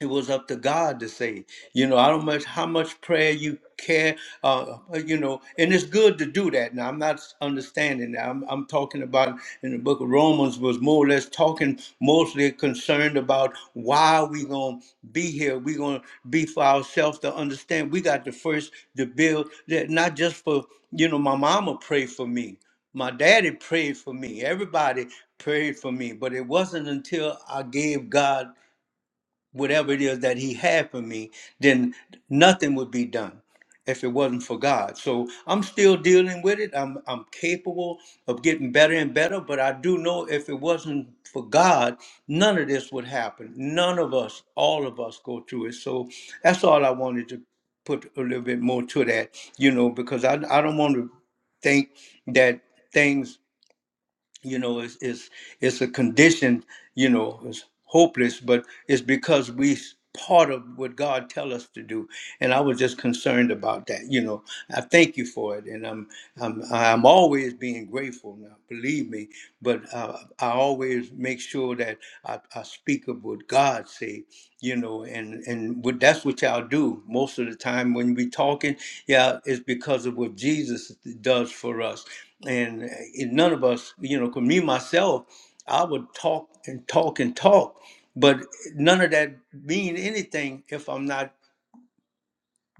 it was up to God to say, you know, I don't much how much prayer you care, uh, uh, you know, and it's good to do that. Now I'm not understanding that. I'm, I'm talking about in the book of Romans was more or less talking mostly concerned about why we gonna be here. We gonna be for ourselves to understand. We got to first to build that not just for you know my mama prayed for me, my daddy prayed for me, everybody prayed for me, but it wasn't until I gave God whatever it is that he had for me, then nothing would be done if it wasn't for God. So I'm still dealing with it. I'm I'm capable of getting better and better, but I do know if it wasn't for God, none of this would happen. None of us, all of us go through it. So that's all I wanted to put a little bit more to that, you know, because I I don't want to think that things you know it's it's, it's a condition you know it's hopeless but it's because we s- part of what god tell us to do and i was just concerned about that you know i thank you for it and i'm i'm i'm always being grateful now believe me but uh, i always make sure that I, I speak of what god say you know and and what, that's what y'all do most of the time when we talking yeah it's because of what jesus does for us and, and none of us, you know, because me myself, I would talk and talk and talk, but none of that mean anything if I'm not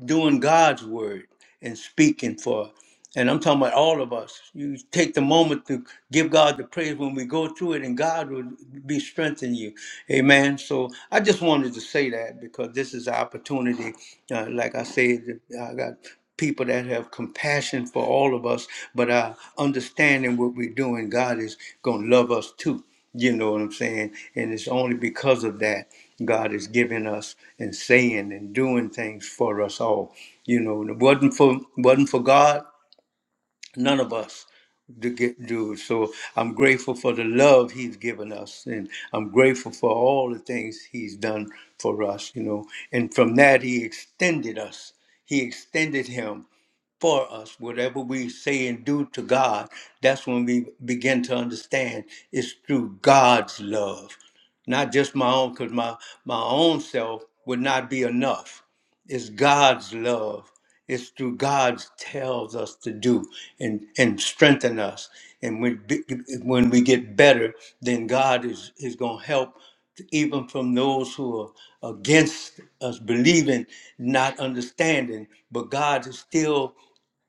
doing God's word and speaking for. And I'm talking about all of us. You take the moment to give God the praise when we go through it, and God will be strengthening you. Amen. So I just wanted to say that because this is an opportunity. Uh, like I said, I got people that have compassion for all of us, but uh, understanding what we're doing, God is going to love us too. You know what I'm saying? And it's only because of that God is giving us and saying and doing things for us all. You know, and it wasn't for wasn't for God, none of us to get do. So I'm grateful for the love He's given us, and I'm grateful for all the things He's done for us. You know, and from that He extended us. He extended Him for us. Whatever we say and do to God, that's when we begin to understand it's through God's love, not just my own, because my, my own self would not be enough. It's God's love. It's through God's tells us to do and, and strengthen us. And when, be- when we get better, then God is, is going to help even from those who are against us believing, not understanding. But God is still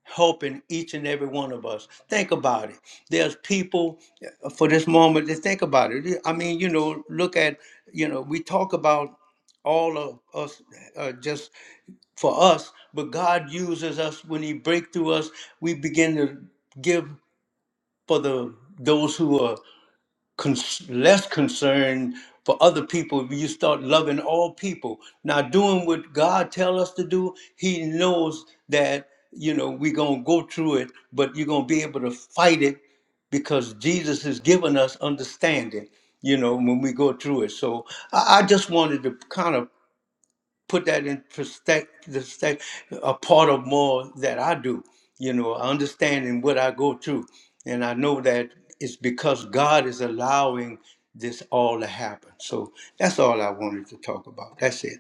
helping each and every one of us. Think about it. There's people uh, for this moment to think about it. I mean, you know, look at, you know, we talk about all of us uh, just for us, but God uses us when He break through us. We begin to give for the those who are cons- less concern for other people you start loving all people now doing what god tell us to do he knows that you know we're gonna go through it but you're gonna be able to fight it because jesus has given us understanding you know when we go through it so i, I just wanted to kind of put that in perspective, the sec- a part of more that I do. You know, I understand in what I go through, and I know that it's because God is allowing this all to happen. So that's all I wanted to talk about. That's it.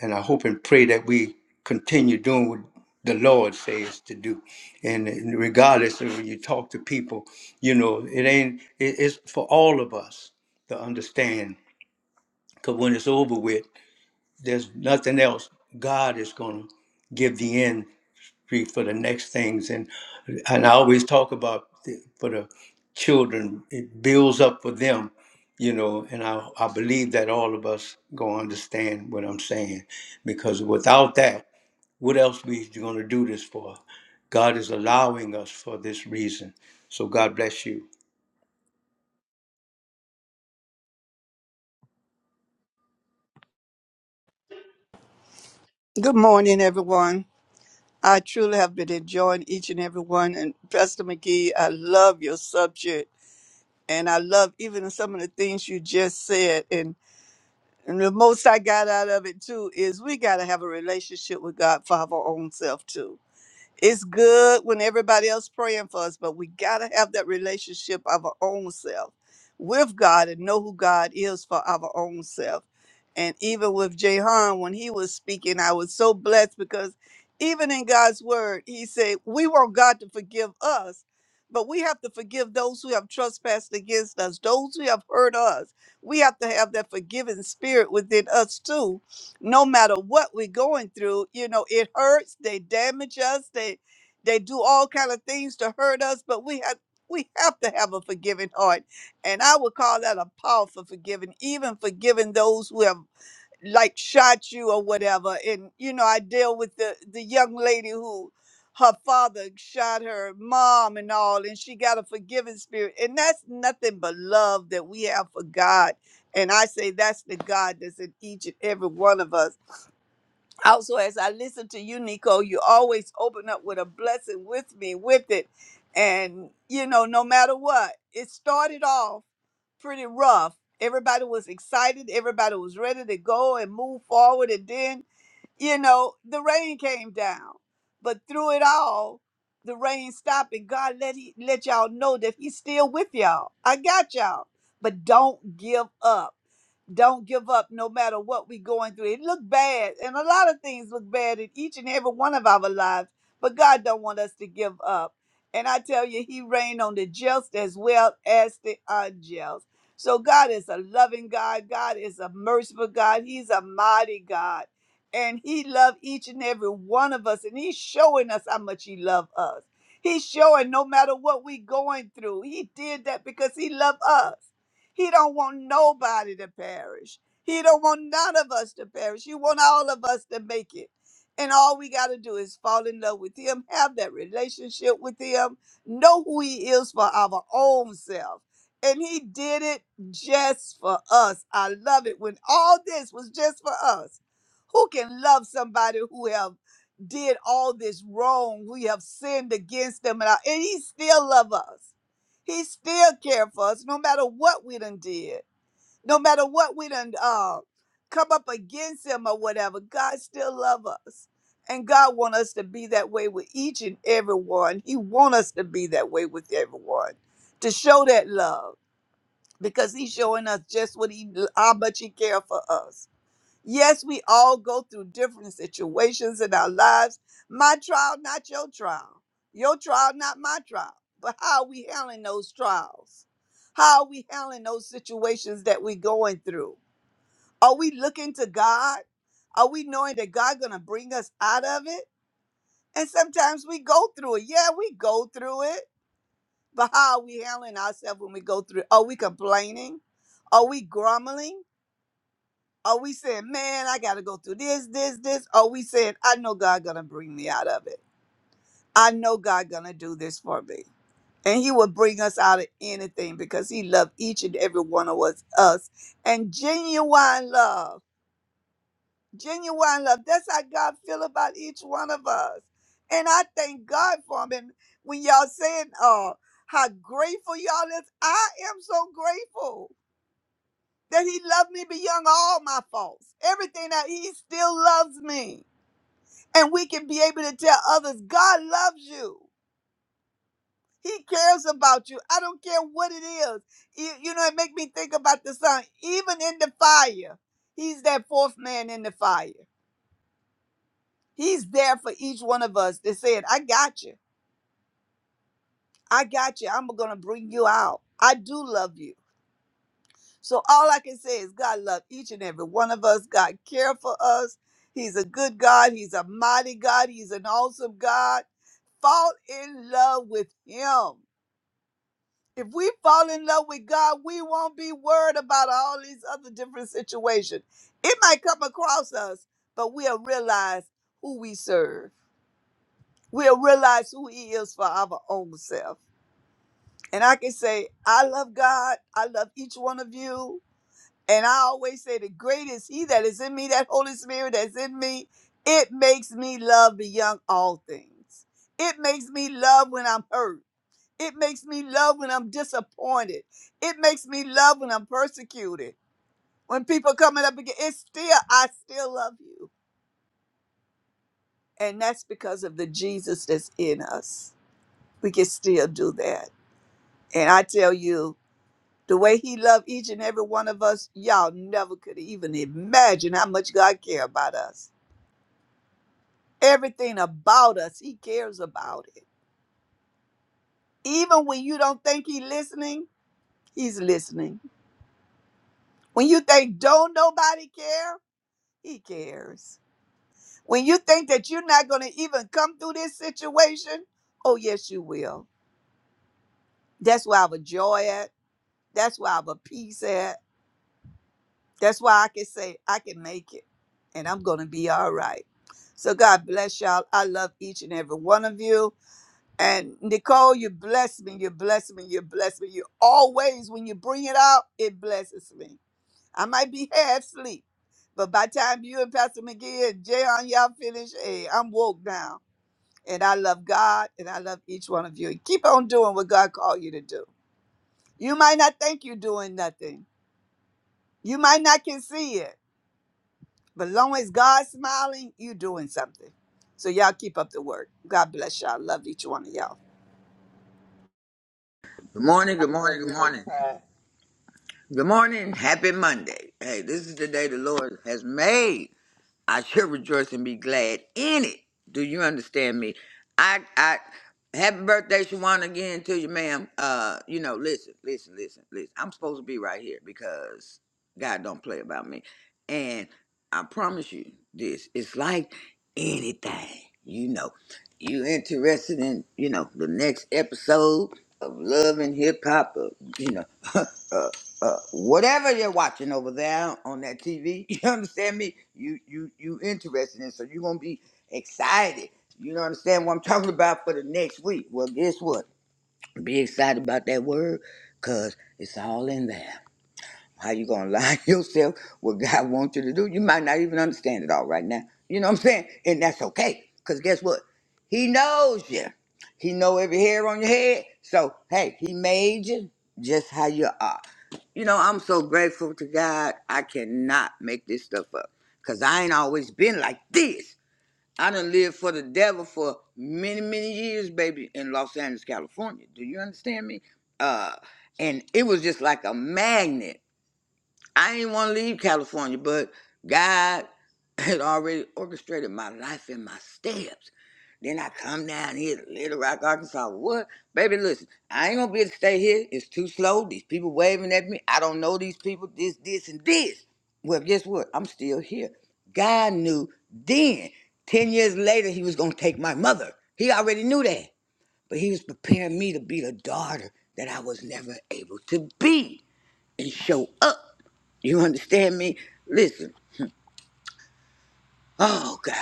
And I hope and pray that we continue doing what the Lord says to do. And regardless of when you talk to people, you know, it ain't, it- it's for all of us to understand. Because when it's over with, there's nothing else. God is going to give the end for the next things, and and I always talk about the, for the children, it builds up for them, you know. And I I believe that all of us gonna understand what I'm saying, because without that, what else we gonna do this for? God is allowing us for this reason. So God bless you.
Good morning, everyone. I truly have been enjoying each and every one. And Pastor McGee, I love your subject. And I love even some of the things you just said. And, and the most I got out of it, too, is we got to have a relationship with God for our own self, too it's good when everybody else praying for us, but we got to have that relationship of our own self with God and know who God is for our own self. And even with Jehan, when he was speaking, I was so blessed because even in God's word, he said, We want God to forgive us, but we have to forgive those who have trespassed against us, those who have hurt us. We have to have that forgiving spirit within us too no matter what we're going through you know it hurts they damage us they they do all kind of things to hurt us but we have we have to have a forgiving heart and i would call that a powerful forgiving even forgiving those who have like shot you or whatever and you know i deal with the the young lady who her father shot her mom and all and she got a forgiving spirit and that's nothing but love that we have for god and i say that's the god that's in each and every one of us also, as I listen to you, Nico, you always open up with a blessing with me, with it. And, you know, no matter what, it started off pretty rough. Everybody was excited, everybody was ready to go and move forward. And then you know, the rain came down. But through it all, the rain stopped and God let he let y'all know that he's still with y'all. I got y'all. But don't give up. Don't give up no matter what we going through. It look bad, and a lot of things look bad in each and every one of our lives, but God don't want us to give up. And I tell you, he reigned on the just as well as the unjust. So God is a loving God. God is a merciful God. He's a mighty God and he loved each and every one of us and he's showing us how much he loved us he's showing no matter what we going through he did that because he loved us he don't want nobody to perish he don't want none of us to perish he want all of us to make it and all we got to do is fall in love with him have that relationship with him know who he is for our own self and he did it just for us i love it when all this was just for us who can love somebody who have did all this wrong? We have sinned against them, and, I- and he still love us. He still care for us, no matter what we done did, no matter what we done uh, come up against him or whatever. God still love us, and God want us to be that way with each and every one. He want us to be that way with everyone, to show that love because He's showing us just what He how much He care for us Yes, we all go through different situations in our lives. My trial, not your trial. Your trial, not my trial. But how are we handling those trials? How are we handling those situations that we're going through? Are we looking to God? Are we knowing that God gonna bring us out of it? And sometimes we go through it. Yeah, we go through it. But how are we handling ourselves when we go through it? Are we complaining? Are we grumbling? Are we saying, man, I got to go through this, this, this? Are we saying, I know God going to bring me out of it. I know God going to do this for me. And he will bring us out of anything because he loved each and every one of us. us. And genuine love, genuine love. That's how God feel about each one of us. And I thank God for him. And when y'all saying "Oh, how grateful y'all is, I am so grateful that he loved me beyond all my faults. Everything that he still loves me. And we can be able to tell others, God loves you. He cares about you. I don't care what it is. You, you know, it make me think about the son. Even in the fire, he's that fourth man in the fire. He's there for each one of us that said, I got you. I got you. I'm going to bring you out. I do love you. So all I can say is God love each and every one of us. God care for us. He's a good God. He's a mighty God. He's an awesome God. Fall in love with him. If we fall in love with God, we won't be worried about all these other different situations. It might come across us, but we'll realize who we serve. We'll realize who he is for our own self. And I can say, I love God. I love each one of you. And I always say, the greatest He that is in me, that Holy Spirit that's in me, it makes me love beyond all things. It makes me love when I'm hurt. It makes me love when I'm disappointed. It makes me love when I'm persecuted. When people coming up again, it's still, I still love you. And that's because of the Jesus that's in us. We can still do that. And I tell you, the way he loved each and every one of us, y'all never could even imagine how much God care about us. everything about us. He cares about it. Even when you don't think he's listening, he's listening. When you think don't nobody care, he cares. When you think that you're not going to even come through this situation, oh yes, you will. That's where I have a joy at. That's where I have a peace at. That's why I can say I can make it, and I'm going to be all right. So God bless y'all. I love each and every one of you. And Nicole, you bless me. You bless me. You bless me. You always, when you bring it out, it blesses me. I might be half asleep, but by the time you and Pastor McGee and Jayon, y'all finish, hey, I'm woke now. And I love God and I love each one of you. And keep on doing what God called you to do. You might not think you're doing nothing. You might not can see it But long as God's smiling, you doing something. So y'all keep up the work. God bless y'all. Love each one of y'all.
Good morning,
I
good
love
morning, good
you, Miss
morning.
Pat.
Good morning, happy Monday. Hey, this is the day the Lord has made. I should rejoice and be glad in it. Do you understand me? I I happy birthday, Shawana, again to you, ma'am. Uh, you know, listen, listen, listen, listen. I'm supposed to be right here because God don't play about me. And I promise you this, it's like anything, you know. You interested in, you know, the next episode of Love and Hip Hop, or, you know, uh, whatever they're watching over there on that TV. You understand me? You you you interested in, so you're gonna be excited. You know understand what I'm talking about for the next week. Well, guess what? Be excited about that word, cause it's all in there. How you gonna lie yourself what God wants you to do? You might not even understand it all right now. You know what I'm saying? And that's okay, cause guess what? He knows you. He know every hair on your head. So hey, he made you just how you are. You know, I'm so grateful to God. I cannot make this stuff up because I ain't always been like this. I done lived for the devil for many, many years, baby, in Los Angeles, California. Do you understand me? Uh, and it was just like a magnet. I didn't want to leave California, but God had already orchestrated my life and my steps. Then I come down here to Little Rock, Arkansas. What? Baby, listen, I ain't gonna be able to stay here. It's too slow. These people waving at me. I don't know these people, this, this, and this. Well, guess what? I'm still here. God knew then, 10 years later, he was gonna take my mother. He already knew that. But he was preparing me to be the daughter that I was never able to be and show up. You understand me? Listen, oh God.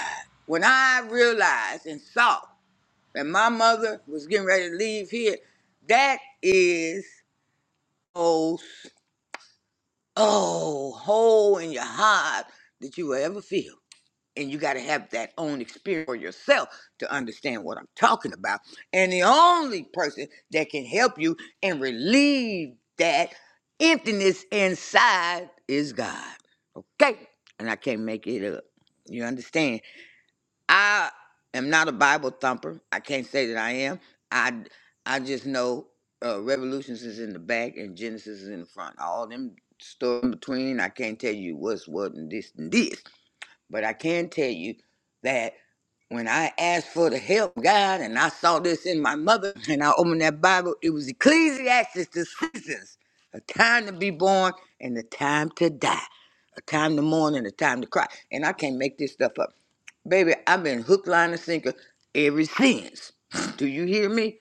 When I realized and saw that my mother was getting ready to leave here, that is most oh hole in your heart that you will ever feel. and you got to have that own experience for yourself to understand what I'm talking about. And the only person that can help you and relieve that emptiness inside is God. Okay? And I can't make it up. You understand? I am not a Bible thumper. I can't say that I am. I I just know uh, Revolutions is in the back and Genesis is in the front. All them stuff in between, I can't tell you what's what and this and this. But I can tell you that when I asked for the help, God, and I saw this in my mother, and I opened that Bible, it was Ecclesiastes, the seasons, a time to be born and a time to die, a time to mourn and a time to cry. And I can't make this stuff up. Baby, I've been hook, line, and sinker ever since. Do you hear me?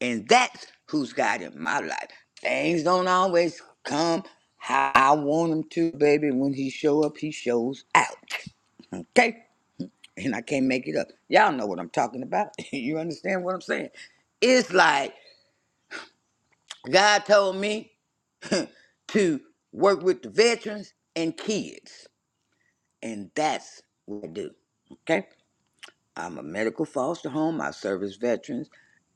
And that's who's God in my life. Things don't always come how I want them to, baby. When he show up, he shows out. Okay? and I can't make it up. Y'all know what I'm talking about. you understand what I'm saying? It's like God told me to work with the veterans and kids, and that's what I do. Okay? I'm a medical foster home. I service veterans,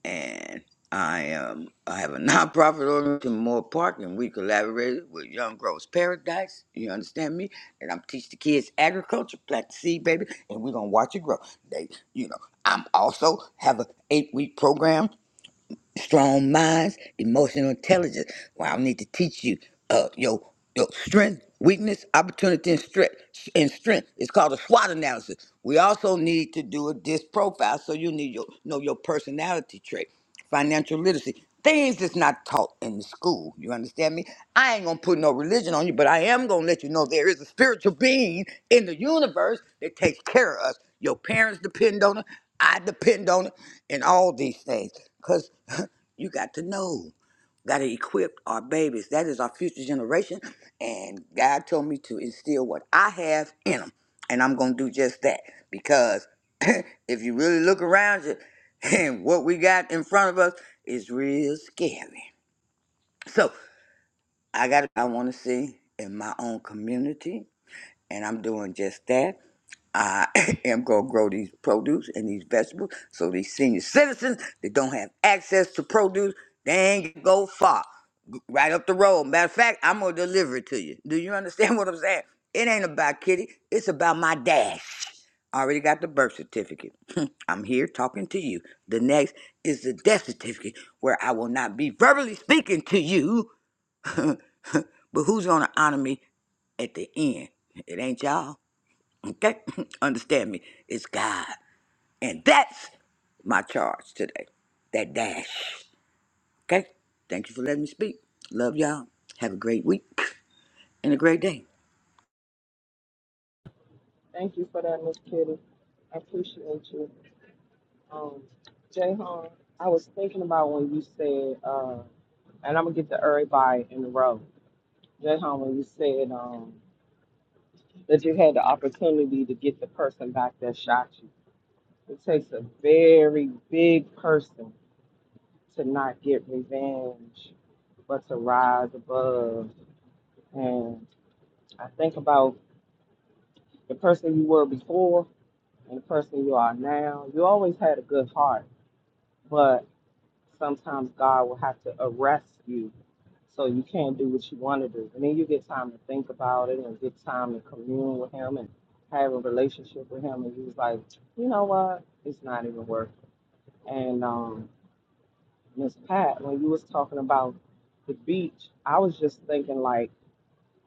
and I am I have a nonprofit organization, Moore Park, and we collaborated with Young Growers Paradise. You understand me? And I'm teach the kids agriculture, plant the seed, baby, and we're gonna watch it grow. They, you know, I'm also have a eight week program strong minds, emotional intelligence. Wow, I need to teach you uh, your your strength, weakness, opportunity, and strength. And strength. It's called a SWOT analysis. We also need to do a disc profile, so you need your know your personality trait, financial literacy, things that's not taught in the school. You understand me? I ain't gonna put no religion on you, but I am gonna let you know there is a spiritual being in the universe that takes care of us. Your parents depend on it. I depend on it, and all these things, because You got to know. Got to equip our babies. That is our future generation. And God told me to instill what I have in them. And I'm going to do just that. Because if you really look around you, and what we got in front of us is real scary. So I got, I want to see in my own community. And I'm doing just that. I am going to grow these produce and these vegetables so these senior citizens that don't have access to produce, they ain't gonna go far right up the road. Matter of fact, I'm gonna deliver it to you. Do you understand what I'm saying? It ain't about Kitty. It's about my dash. I already got the birth certificate. I'm here talking to you. The next is the death certificate, where I will not be verbally speaking to you, but who's gonna honor me at the end? It ain't y'all. Okay? Understand me. It's God. And that's my charge today. That dash. Okay? Thank you for letting me speak. Love y'all. Have a great week. and a great day.
Thank you for that, Miss Kitty. I appreciate you. Um, Jay Hahn, I was thinking about when you said, uh, and I'm gonna get to everybody in the row. Jay Hahn, when you said um, that you had the opportunity to get the person back that shot you, it takes a very big person to not get revenge, but to rise above. And I think about the person you were before and the person you are now. You always had a good heart, but Sometimes God will have to arrest you so you can't do what you want to do. And then you get time to think about it and get time to commune with him and have a relationship with him. And you was like, you know what? It's not even worth it. And um, Miss Pat, when you was talking about the beach, I was just thinking like,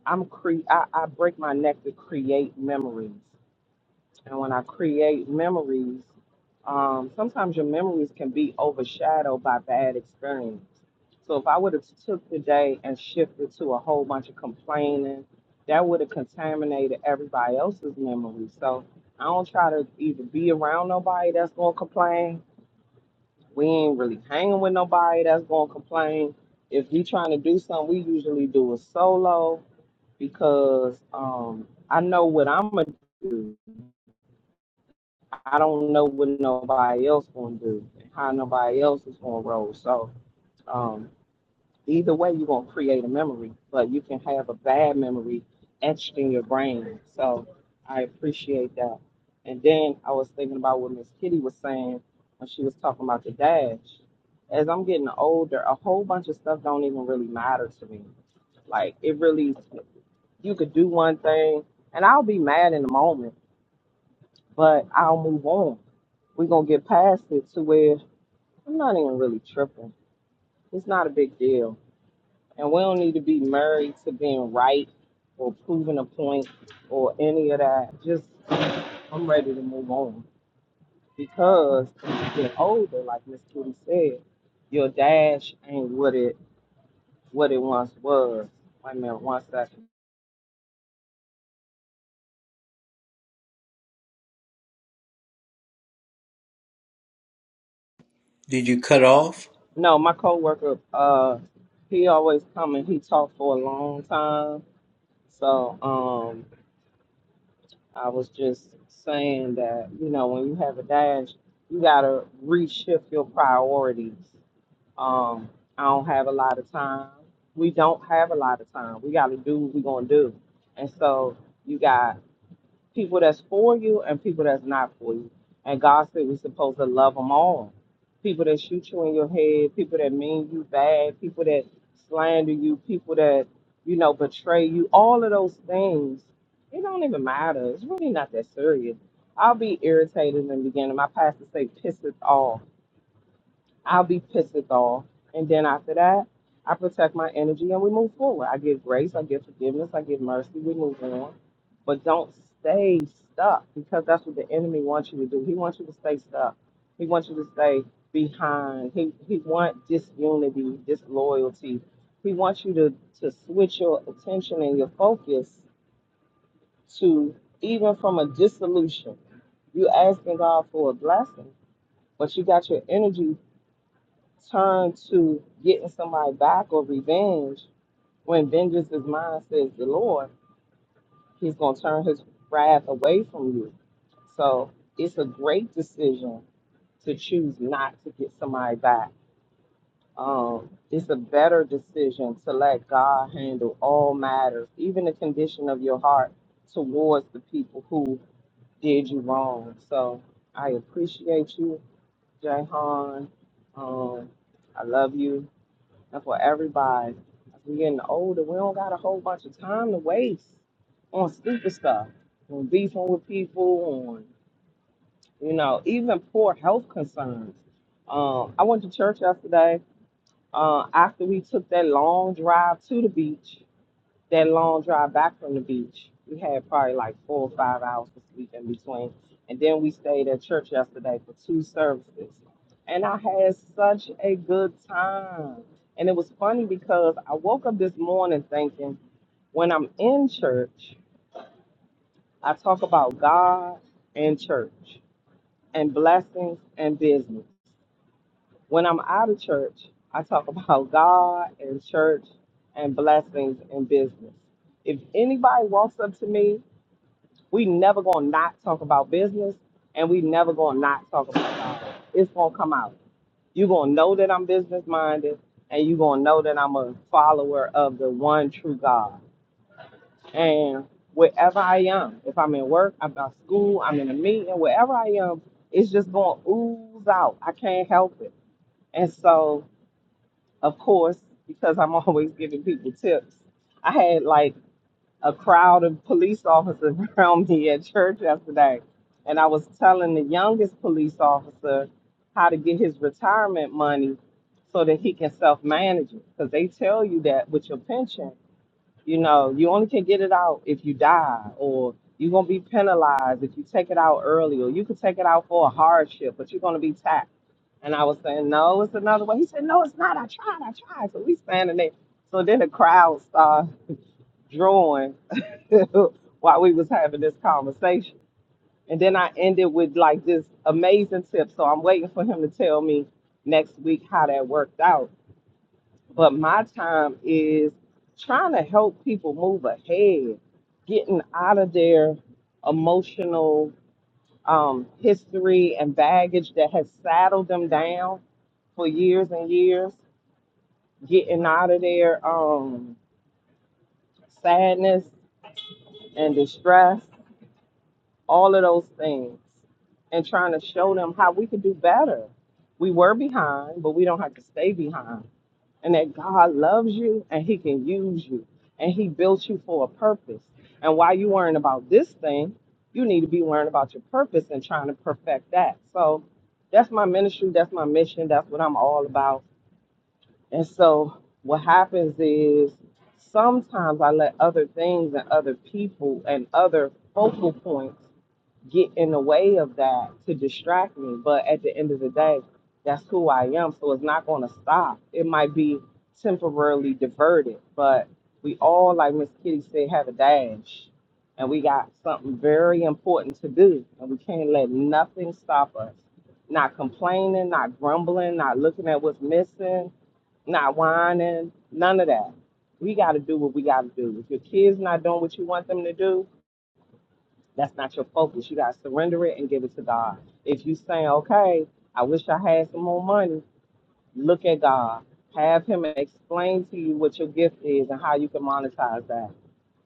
I'm cre- I, I break my neck to create memories and when I create memories, um, sometimes your memories can be overshadowed by bad experience. So if I would have took the day and shifted to a whole bunch of complaining, that would have contaminated everybody else's memory. So I don't try to either be around nobody that's gonna complain. We ain't really hanging with nobody that's gonna complain. If we trying to do something, we usually do it solo because um, I know what I'm gonna do I don't know what nobody else gonna do, and how nobody else is gonna roll. So um, either way, you're gonna create a memory, but you can have a bad memory etched in your brain. So I appreciate that. And then I was thinking about what Miss Kitty was saying when she was talking about the dash. As I'm getting older, a whole bunch of stuff don't even really matter to me. Like it really, you could do one thing, and I'll be mad in the moment but I'll move on. We're gonna get past it to where I'm not even really tripping. It's not a big deal. And we don't need to be married to being right or proving a point or any of that. Just I'm ready to move on. Because when you get older, like Miss Kitty said, your dash ain't what it what it once was. Wait a minute, one second.
Did you cut off?
No, my coworker, uh, he always come and he talk for a long time. So, um. I was just saying that, you know, when you have a dash, you gotta reshift your priorities. Um, I don't have a lot of time. We don't have a lot of time. We gotta do what we're gonna do. And so you got people that's for you and people that's not for you. And God said we're supposed to love them all. People that shoot you in your head, people that mean you bad, people that slander you, people that, you know, betray you, all of those things, it don't even matter. It's really not that serious. I'll be irritated in the beginning. My pastor say piss it off I'll be pissed off. And then after that, I protect my energy and we move forward. I give grace, I give forgiveness, I give mercy, we move on. But don't stay stuck because that's what the enemy wants you to do. He wants you to stay stuck. He wants you to stay behind. He he wants disunity, disloyalty. He wants you to, to switch your attention and your focus to even from a dissolution. You asking God for a blessing, but you got your energy turn to getting somebody back or revenge, when vengeance is mine, says the Lord, he's going to turn his wrath away from you. So it's a great decision to choose not to get somebody back. Um, it's a better decision to let God handle all matters, even the condition of your heart towards the people who did you wrong. So I appreciate you, Jayhan. Um, I love you. That's what everybody. As we getting older, we don't got a whole bunch of time to waste on stupid stuff, on beefing with people, on you know, even poor health concerns. Um, I went to church yesterday uh, after we took that long drive to the beach that long drive back from the beach, we had probably like four or five hours to sleep in between. And then we stayed at church yesterday for two services. And I had such a good time. And it was funny because I woke up this morning thinking when I'm in church, I talk about God and church and blessings and business. When I'm out of church, I talk about God and church and blessings and business. If anybody walks up to me We never gonna not talk about business and we never gonna not talk about God. It's gonna come out. you gonna know that I'm business minded and you gonna know that I'm a follower of the one true God. And wherever I am, if I'm at work, I'm at school, I'm in a meeting, wherever I am, it's just gonna ooze out. I can't help it. And so, of course, because I'm always giving people tips, I had like a crowd of police officers around me at church yesterday. And I was telling the youngest police officer how to get his retirement money so that he can self manage it. Because they tell you that with your pension, you know, you only can get it out if you die, or you're going to be penalized if you take it out early, or you could take it out for a hardship, but you're going to be taxed. And I was saying, no, it's another way. He said, no, it's not. I tried. I tried. So we standing there. So then the crowd started drawing while we was having this conversation. And then I ended with like this amazing tip. So I'm waiting for him to tell me next week how that worked out. But my time is trying to help people move ahead, getting out of their emotional um, history and baggage that has saddled them down for years and years, getting out of their um, sadness and distress all of those things and trying to show them how we could do better. We were behind, but we don't have to stay behind. And that God loves you and He can use you and He built you for a purpose. And while you worrying about this thing, you need to be worrying about your purpose and trying to perfect that. So that's my ministry, that's my mission, that's what I'm all about. And so what happens is sometimes I let other things and other people and other focal points get in the way of that to distract me. But at the end of the day, that's who I am. So it's not going to stop. It might be temporarily diverted, but we all, like Miss Kitty said, have a dash. And we got something very important to do. And we can't let nothing stop us. Not complaining, not grumbling, not looking at what's missing, not whining, none of that. We got to do what we got to do. If your kid's not doing what you want them to do, that's not your focus. You gotta surrender it and give it to God. If you saying, okay, I wish I had some more money, look at God. Have Him explain to you what your gift is and how you can monetize that.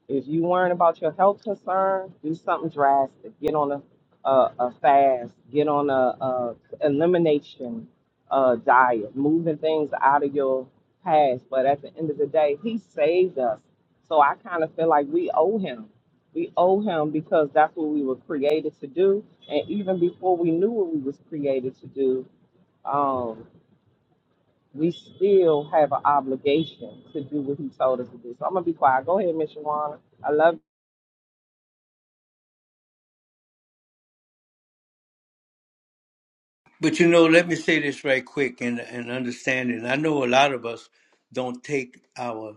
If you worrying about your health concern, do something drastic. Get on a a, a fast. Get on a, a elimination uh, diet. Moving things out of your past. But at the end of the day, he saved us. So I kind of feel like we owe him. We owe him because that's what we were created to do. And even before we knew what we was created to do, um, we still have an obligation to do what he told us to do. So I'm gonna be quiet. Go ahead, Miss Shawana. I love.
But you know, let me say this right quick and and understanding. I know a lot of us don't take our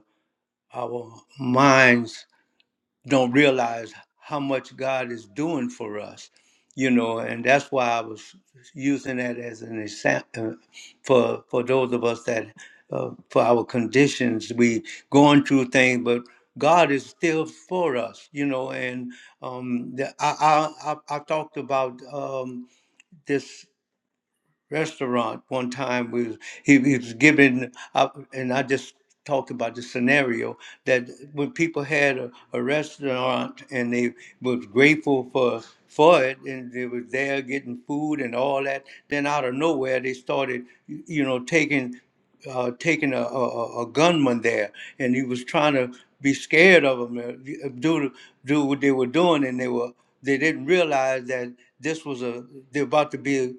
our minds don't realize how much God is doing for us, you know, and that's why I was using that as an example for for those of us that uh, for our conditions we going through things, but God is still for us, you know. And um, the, I, I I I talked about um, this restaurant one time we was, he, he was giving up and i just talked about the scenario that when people had a, a restaurant and they was grateful for for it and they was there getting food and all that then out of nowhere they started you know taking uh, taking a, a, a a gunman there, and he was trying to be scared of them, uh, do do what they were doing, and they were they didn't realize that this was a they're about to be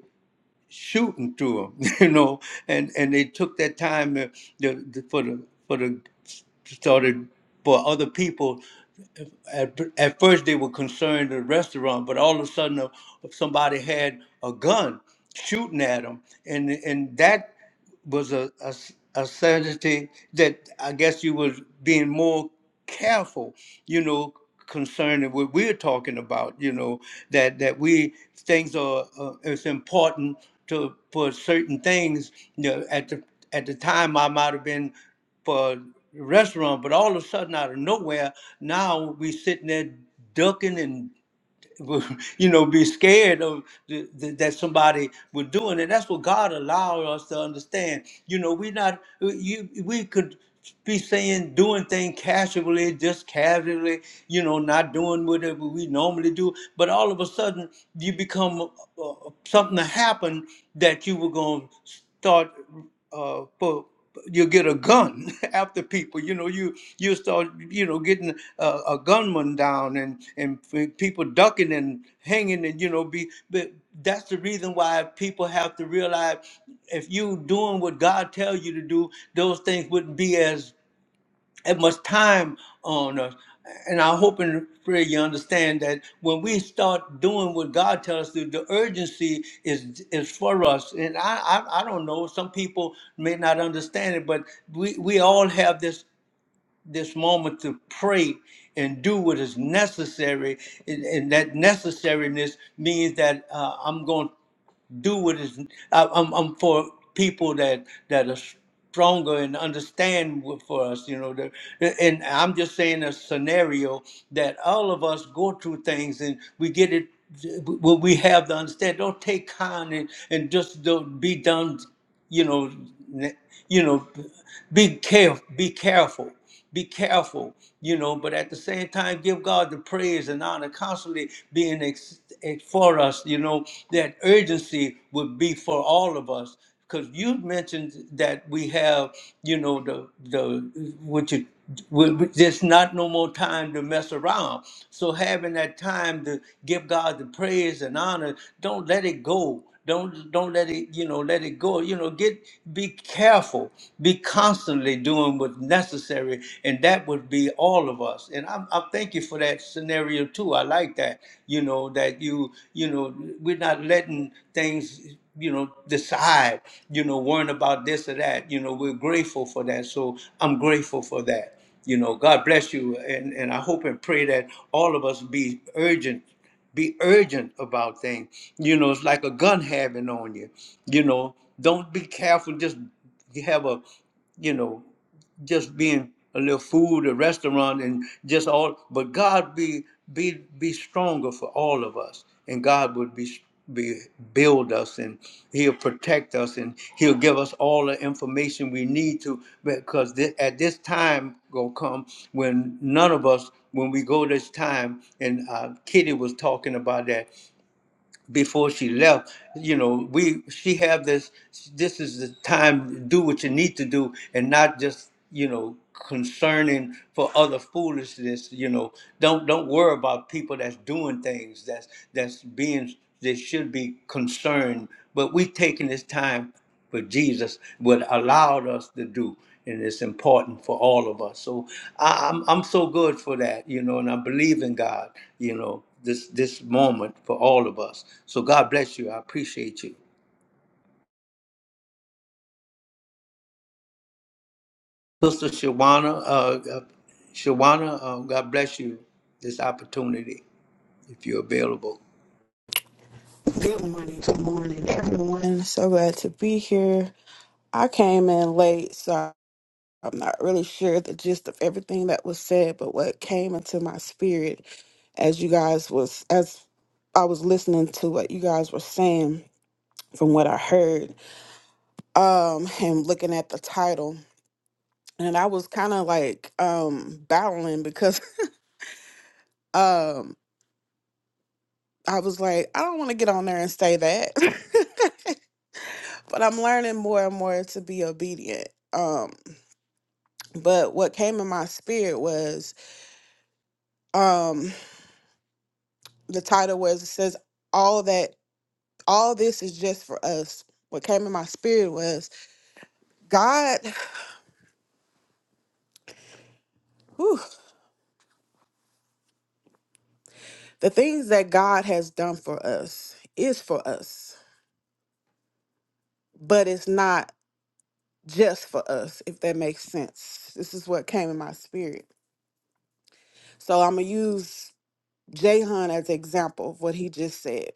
shooting through them, you know, and and they took that time to, the, the, for the for the started for other people. At, at first, they were concerned the restaurant, but all of a sudden, uh, somebody had a gun shooting at them, and and that was a, a, a certainty that I guess you was being more careful, you know, concerning what we're talking about, you know, that that we things are uh, it's important to for certain things. You know, at the at the time I might have been for the restaurant, but all of a sudden out of nowhere, now we sitting there ducking and you know, be scared of the, the, that somebody was doing it. That's what God allowed us to understand. You know, we not you we could be saying doing things casually, just casually. You know, not doing whatever we normally do. But all of a sudden, you become uh, uh, something that happened that you were going to start uh, for you get a gun after people. You know, you you start you know getting a, a gunman down and and f- people ducking and hanging and you know be. But that's the reason why people have to realize if you doing what God tells you to do, those things wouldn't be as that much time on us. And I hope and pray you understand that when we start doing what God tells us to, the urgency is is for us. And I, I I don't know. Some people may not understand it, but we we all have this this moment to pray and do what is necessary. And, and that necessariness means that uh, I'm going. to do what is I, I'm, I'm for people that that are stronger and understand what- for us you know the, and i'm just saying a scenario that all of us go through things and we get it what we have to understand don't take kindly and just don't be done you know ne- you know be careful, be careful, be careful, you know, but at the same time, give God the praise and honor constantly being ex- ex- for us, you know, that urgency would be for all of us. Because you mentioned that we have, you know, the, the, what you, we- we- there's not no more time to mess around. So having that time to give God the praise and honor, don't let it go don't don't let it you know let it go you know get be careful be constantly doing what's necessary and that would be all of us and i'm, i thank you for that scenario too i like that you know that you you know we're not letting things you know decide you know worrying about this or that you know we're grateful for that so i'm grateful for that you know god bless you and and i hope and pray that all of us be urgent be urgent about things. You know, it's like a gun having on you. You know, don't be careful. Just have a, you know just being a little food, a restaurant, and just all. But God be be be stronger for all of us, and God would be be build us, and He'll protect us, and He'll give us all the information we need to. Because thi- at this time gonna come when none of us, when we go this time, and uh, Kitty was talking about that before she left you know we she have this this is the time to do what you need to do and not just you know concerning for other foolishness you know don't don't worry about people that's doing things that's that's being they should be concerned but we taking this time what Jesus would allowed us to do. And it's important for all of us. So I, I'm I'm so good for that, you know, and I believe in God, you know, this this moment for all of us. So God bless you. I appreciate you. Sister Shawana, uh, uh, Shawana, uh, God bless you this opportunity if you're available.
Good morning. Good morning, everyone. So glad to be here. I came in late, so I'm not really sure the gist of everything that was said, but what came into my spirit as you guys was as I was listening to what you guys were saying from what I heard, um, and looking at the title. And I was kind of like um battling because um I was like, I don't want to get on there and say that. but I'm learning more and more to be obedient. Um, but what came in my spirit was um, the title was it says all that all this is just for us. What came in my spirit was God, whew, the things that God has done for us is for us, but it's not just for us, if that makes sense. This is what came in my spirit. So I'm gonna use Jahan as an example of what he just said.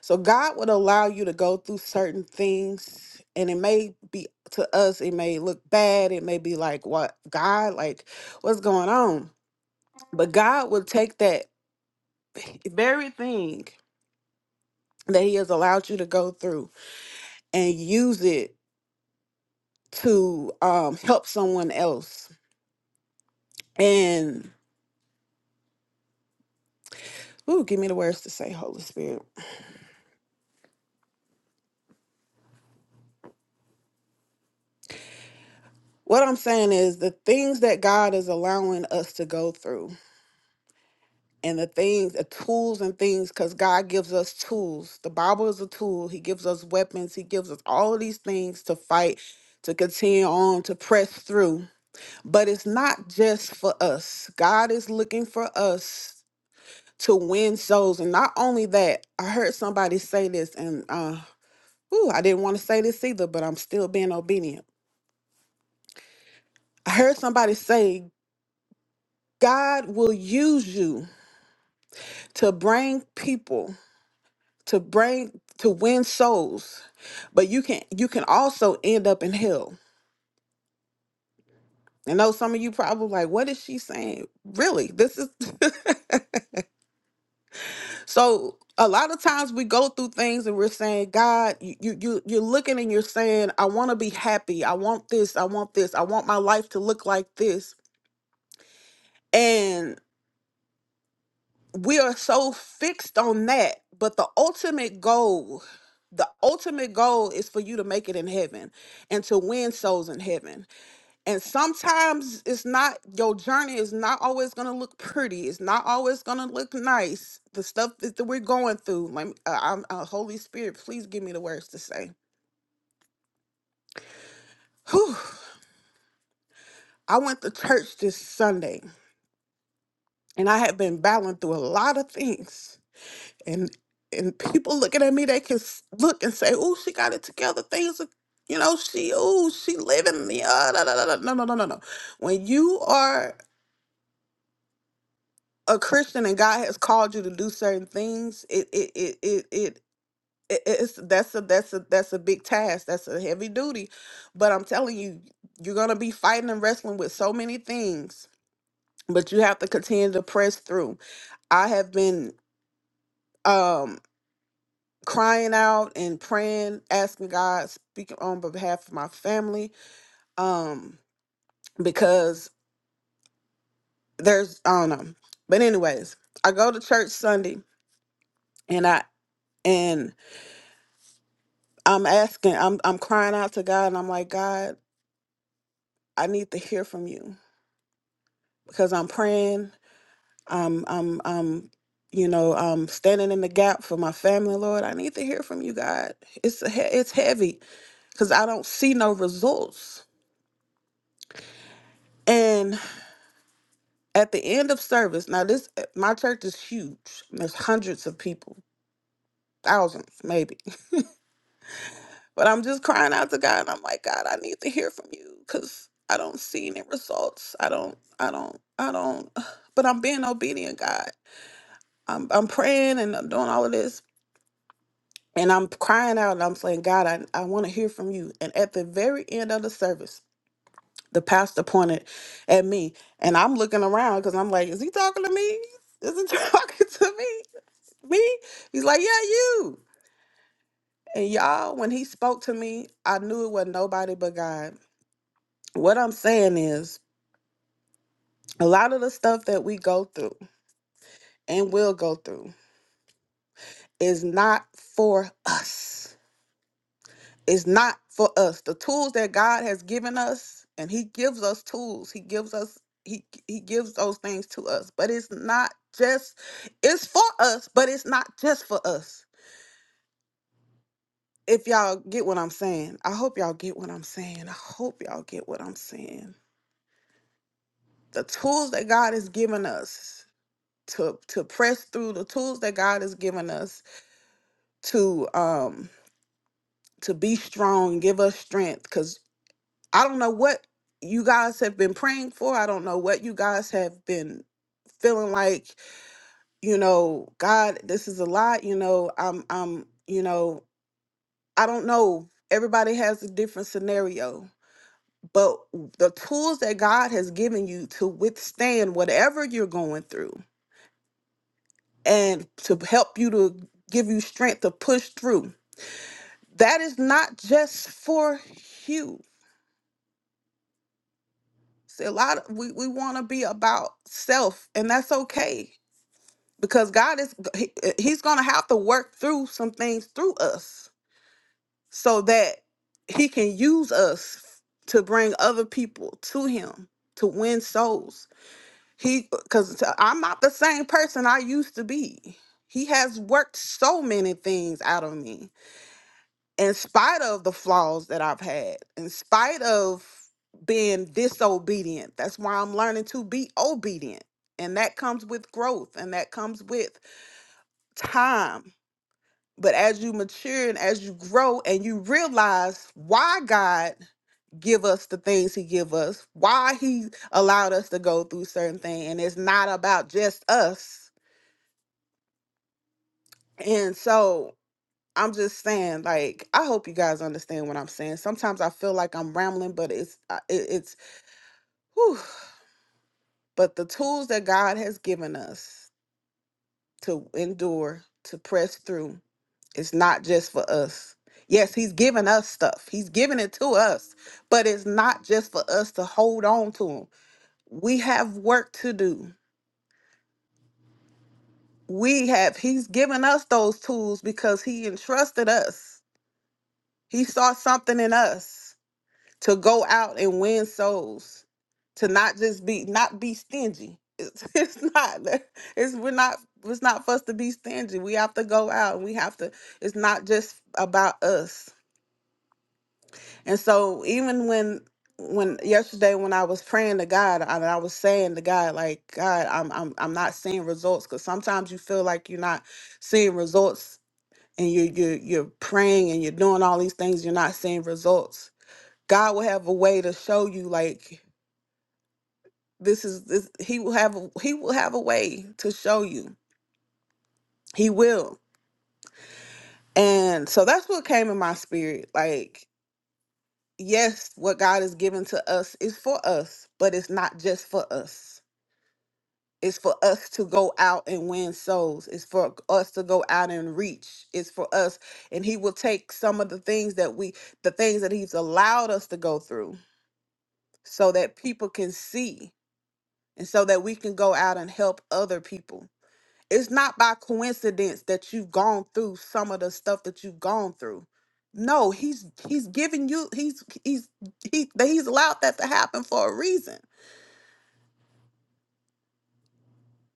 So God would allow you to go through certain things, and it may be to us, it may look bad. It may be like, what God, like, what's going on? But God will take that very thing that He has allowed you to go through and use it to um, help someone else. And ooh, give me the words to say, Holy Spirit. What I'm saying is the things that God is allowing us to go through. and the things, the tools and things, because God gives us tools. The Bible is a tool. He gives us weapons. He gives us all of these things to fight, to continue on, to press through. But it's not just for us. God is looking for us to win souls. And not only that, I heard somebody say this, and uh, ooh, I didn't want to say this either, but I'm still being obedient. I heard somebody say, God will use you to bring people to bring to win souls but you can you can also end up in hell i know some of you probably like what is she saying really this is so a lot of times we go through things and we're saying god you you you- you're looking and you're saying i want to be happy i want this i want this i want my life to look like this and we are so fixed on that but the ultimate goal the ultimate goal is for you to make it in heaven and to win souls in heaven And sometimes it's not, your journey is not always going to look pretty. It's not always going to look nice. The stuff that, that we're going through, let me, uh, I'm, uh, Holy Spirit, please give me the words to say. Whew. I went to church this Sunday and I had been battling through a lot of things. And and people looking at me, they can s- look and say, oh, she got it together. Things are, you know, she, oh, she living the, uh, da, da, da, da." no, no, no, no, no. When you are a Christian and God has called you to do certain things, it it it it it it- it's that's a that's a that's a big task that's a heavy duty but i'm telling you you're going to be fighting and wrestling with so many things but you have to continue to press through i have been um crying out and praying asking god speaking on behalf of my family um because there's i don't know but anyways i go to church sunday and i and I'm asking, I'm I'm crying out to God and I'm like, God, I need to hear from you because I'm praying, I'm I'm I'm you know, I'm standing in the gap for my family, Lord. I need to hear from you, God. It's a he- it's heavy cuz I don't see no results. And at the end of service, now this my church is huge. There's hundreds of people, thousands maybe But I'm just crying out to God, and I'm like, God, I need to hear from you because I don't see any results. I don't, I don't, I don't. But I'm being obedient, God. I'm, I'm praying and I'm doing all of this, and I'm crying out, and I'm saying, God, I, I want to hear from you. And at the very end of the service, the pastor pointed at me, and I'm looking around because I'm like, is he talking to me? Is he talking to me? Me? He's like, yeah, you. And y'all, when he spoke to me, I knew it wasn't nobody but God What I'm saying is, a lot of the stuff that we go through and will go through is not for us. It's not for us. The tools that God has given us, and He gives us tools. He gives us He He gives those things to us. But it's not just. It's for us, but it's not just for us. If y'all get what I'm saying, I hope y'all get what I'm saying. I hope y'all get what I'm saying. The tools that God has given us to to press through the tools that God has given us to um to be strong give us strength because i don't know what you guys have been praying for i don't know what you guys have been feeling like you know god this is a lot you know i'm i'm you know i don't know everybody has a different scenario but the tools that god has given you to withstand whatever you're going through and to help you to give you strength to push through that is not just for you See, a lot of, we, we want to be about self and that's okay because god is he, uh, he's gonna have to work through some things through us so that he can use us to bring other people to him to win souls he because i'm not the same person i used to be he has worked so many things out of me in spite of the flaws that I've had, in spite of being disobedient. That's why I'm learning to be obedient. And that comes with growth and that comes with time. But as you mature and as you grow and you realize why God give us the things he give us, why he allowed us to go through certain things and it's not about just us. And so I'm just saying, like, I hope you guys understand what I'm saying. Sometimes I feel like I'm rambling, but it's uh, it, it's whew. but the tools that God has given us to endure, to press through, it's not just for us. Yes, he's given us stuff. He's given it to us, but it's not just for us to hold on to him. We have work to do. We have he's given us those tools because he entrusted us. He saw something in us to go out and win souls to not just be not be stingy it's, it's not it's we're not it's not for us to be stingy we have to go out and we have to it's not just about us and so even when when yesterday when i was praying to god and i was saying to god like god i'm i'm, I'm not seeing results because sometimes you feel like you're not seeing results and you you you're praying and you're doing all these things you're not seeing results God will have a way to show you like This is this he will have a, he will have a way to show you. He will. And so that's what came in my spirit. Like, yes, what God has given to us is for us, but it's not just for us. It's for us to go out and win souls. It's for us to go out and reach. It's for us. And he will take some of the things that we, the things that he's allowed us to go through so that people can see and so that we can go out and help other people it's not by coincidence that you've gone through some of the stuff that you've gone through no he's he's giving you he's he's he, that he's allowed that to happen for a reason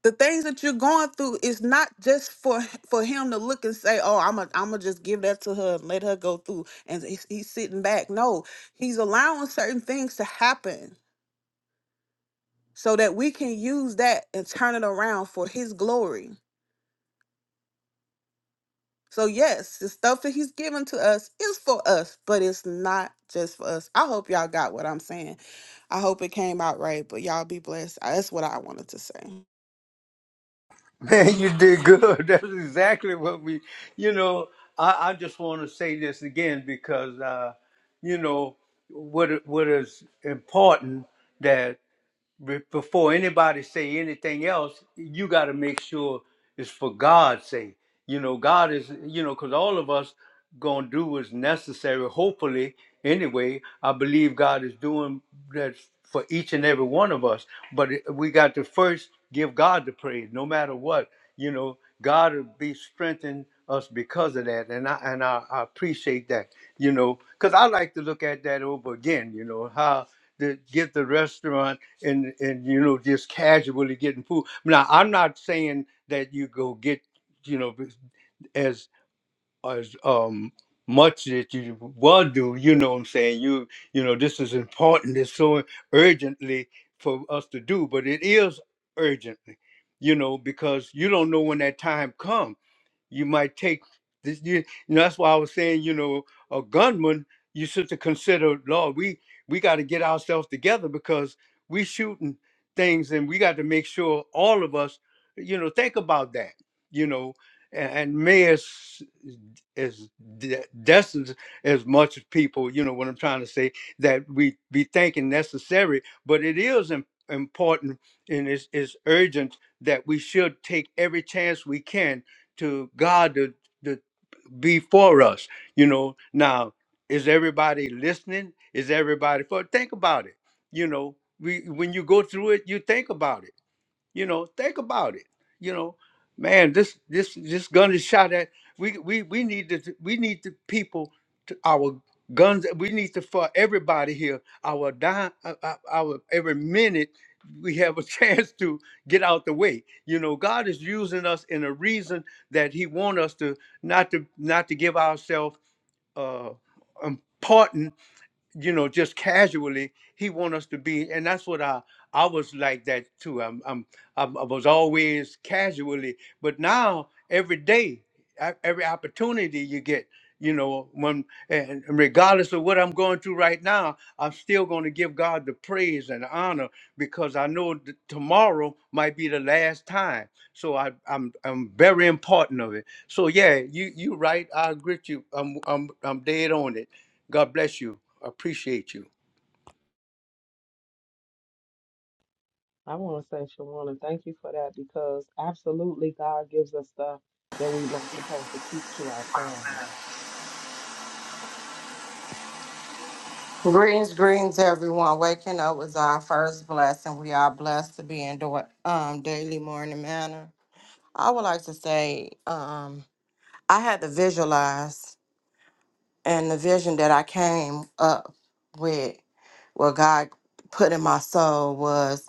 the things that you're going through is not just for for him to look and say oh i'm a, I'm gonna i just give that to her and let her go through and he's, he's sitting back no he's allowing certain things to happen so that we can use that and turn it around for his glory So yes, the stuff that he's given to us is for us, but it's not just for us. I hope y'all got what I'm saying. I hope it came out right, but y'all be blessed. Uh, That's what I wanted to say.
Man, you did good. That's exactly what we, you know, I, I just want to say this again because, uh, you know, what, it- what is important be- before anybody say anything else, you got to make sure it's for God's sake. You know, God is, you know, because all of us gonna do what's necessary. Hopefully, anyway, I believe God is doing that for each and every one of us. But it- we got to first give God the praise, no matter what. You know, God will be strengthening us because of that, and I and I, I appreciate that. You know, because I like to look at that over again. You know how to get the restaurant and and you know just casually getting food. Now I'm not saying that you go get you know as as um much that you want to. You know what I'm saying? You you know this is important. It's so urgently for us to do, but it is urgently. You know because you don't know when that time comes you might take this you, you know, that's why I was saying, you know, a gunman, you should to consider, Lord, we we got to get ourselves together because we shooting things and we got to make sure all of us, you know, think about that, you know, and, and may as as de- destined as much as people, you know, what I'm trying to say, that we be thinking necessary, but it is im- important and it's, it's urgent that we should take every chance we can to God to, to be for us. You know, now is everybody listening? Is everybody for? Think about it. You know, we when you go through it, you think about it you know, think about it. You know, man, this this this gun is shot at. We we we need the we need the people to our guns. We need to for everybody here. Our dime, our, our every minute we have a chance to get out the way. You know, God is using us in a reason that He want us to not to not to give ourselves uh important you know, just casually, he want us to be, and that's what I I was like that too. I'm I'm, I'm I was always casually, but now every day, e- every opportunity you get, you know, when and and regardless of what I'm going through right now, I'm still going to give God the praise and honor because I know that tomorrow might be the last time. So I I'm I'm very important of it. So yeah, you you right. I agree with you. I'm I'm I'm dead on it. God bless you. I appreciate you.
I want to say, Shawana, thank you for that because absolutely God gives us stuff that we're not supposed to keep to ourselves.
Greetings, greetings, everyone. Waking up was our first blessing. We are blessed to be in do- um, daily morning manner. I would like to say um, I had to visualize, and the vision that I came up with, what God put in my soul was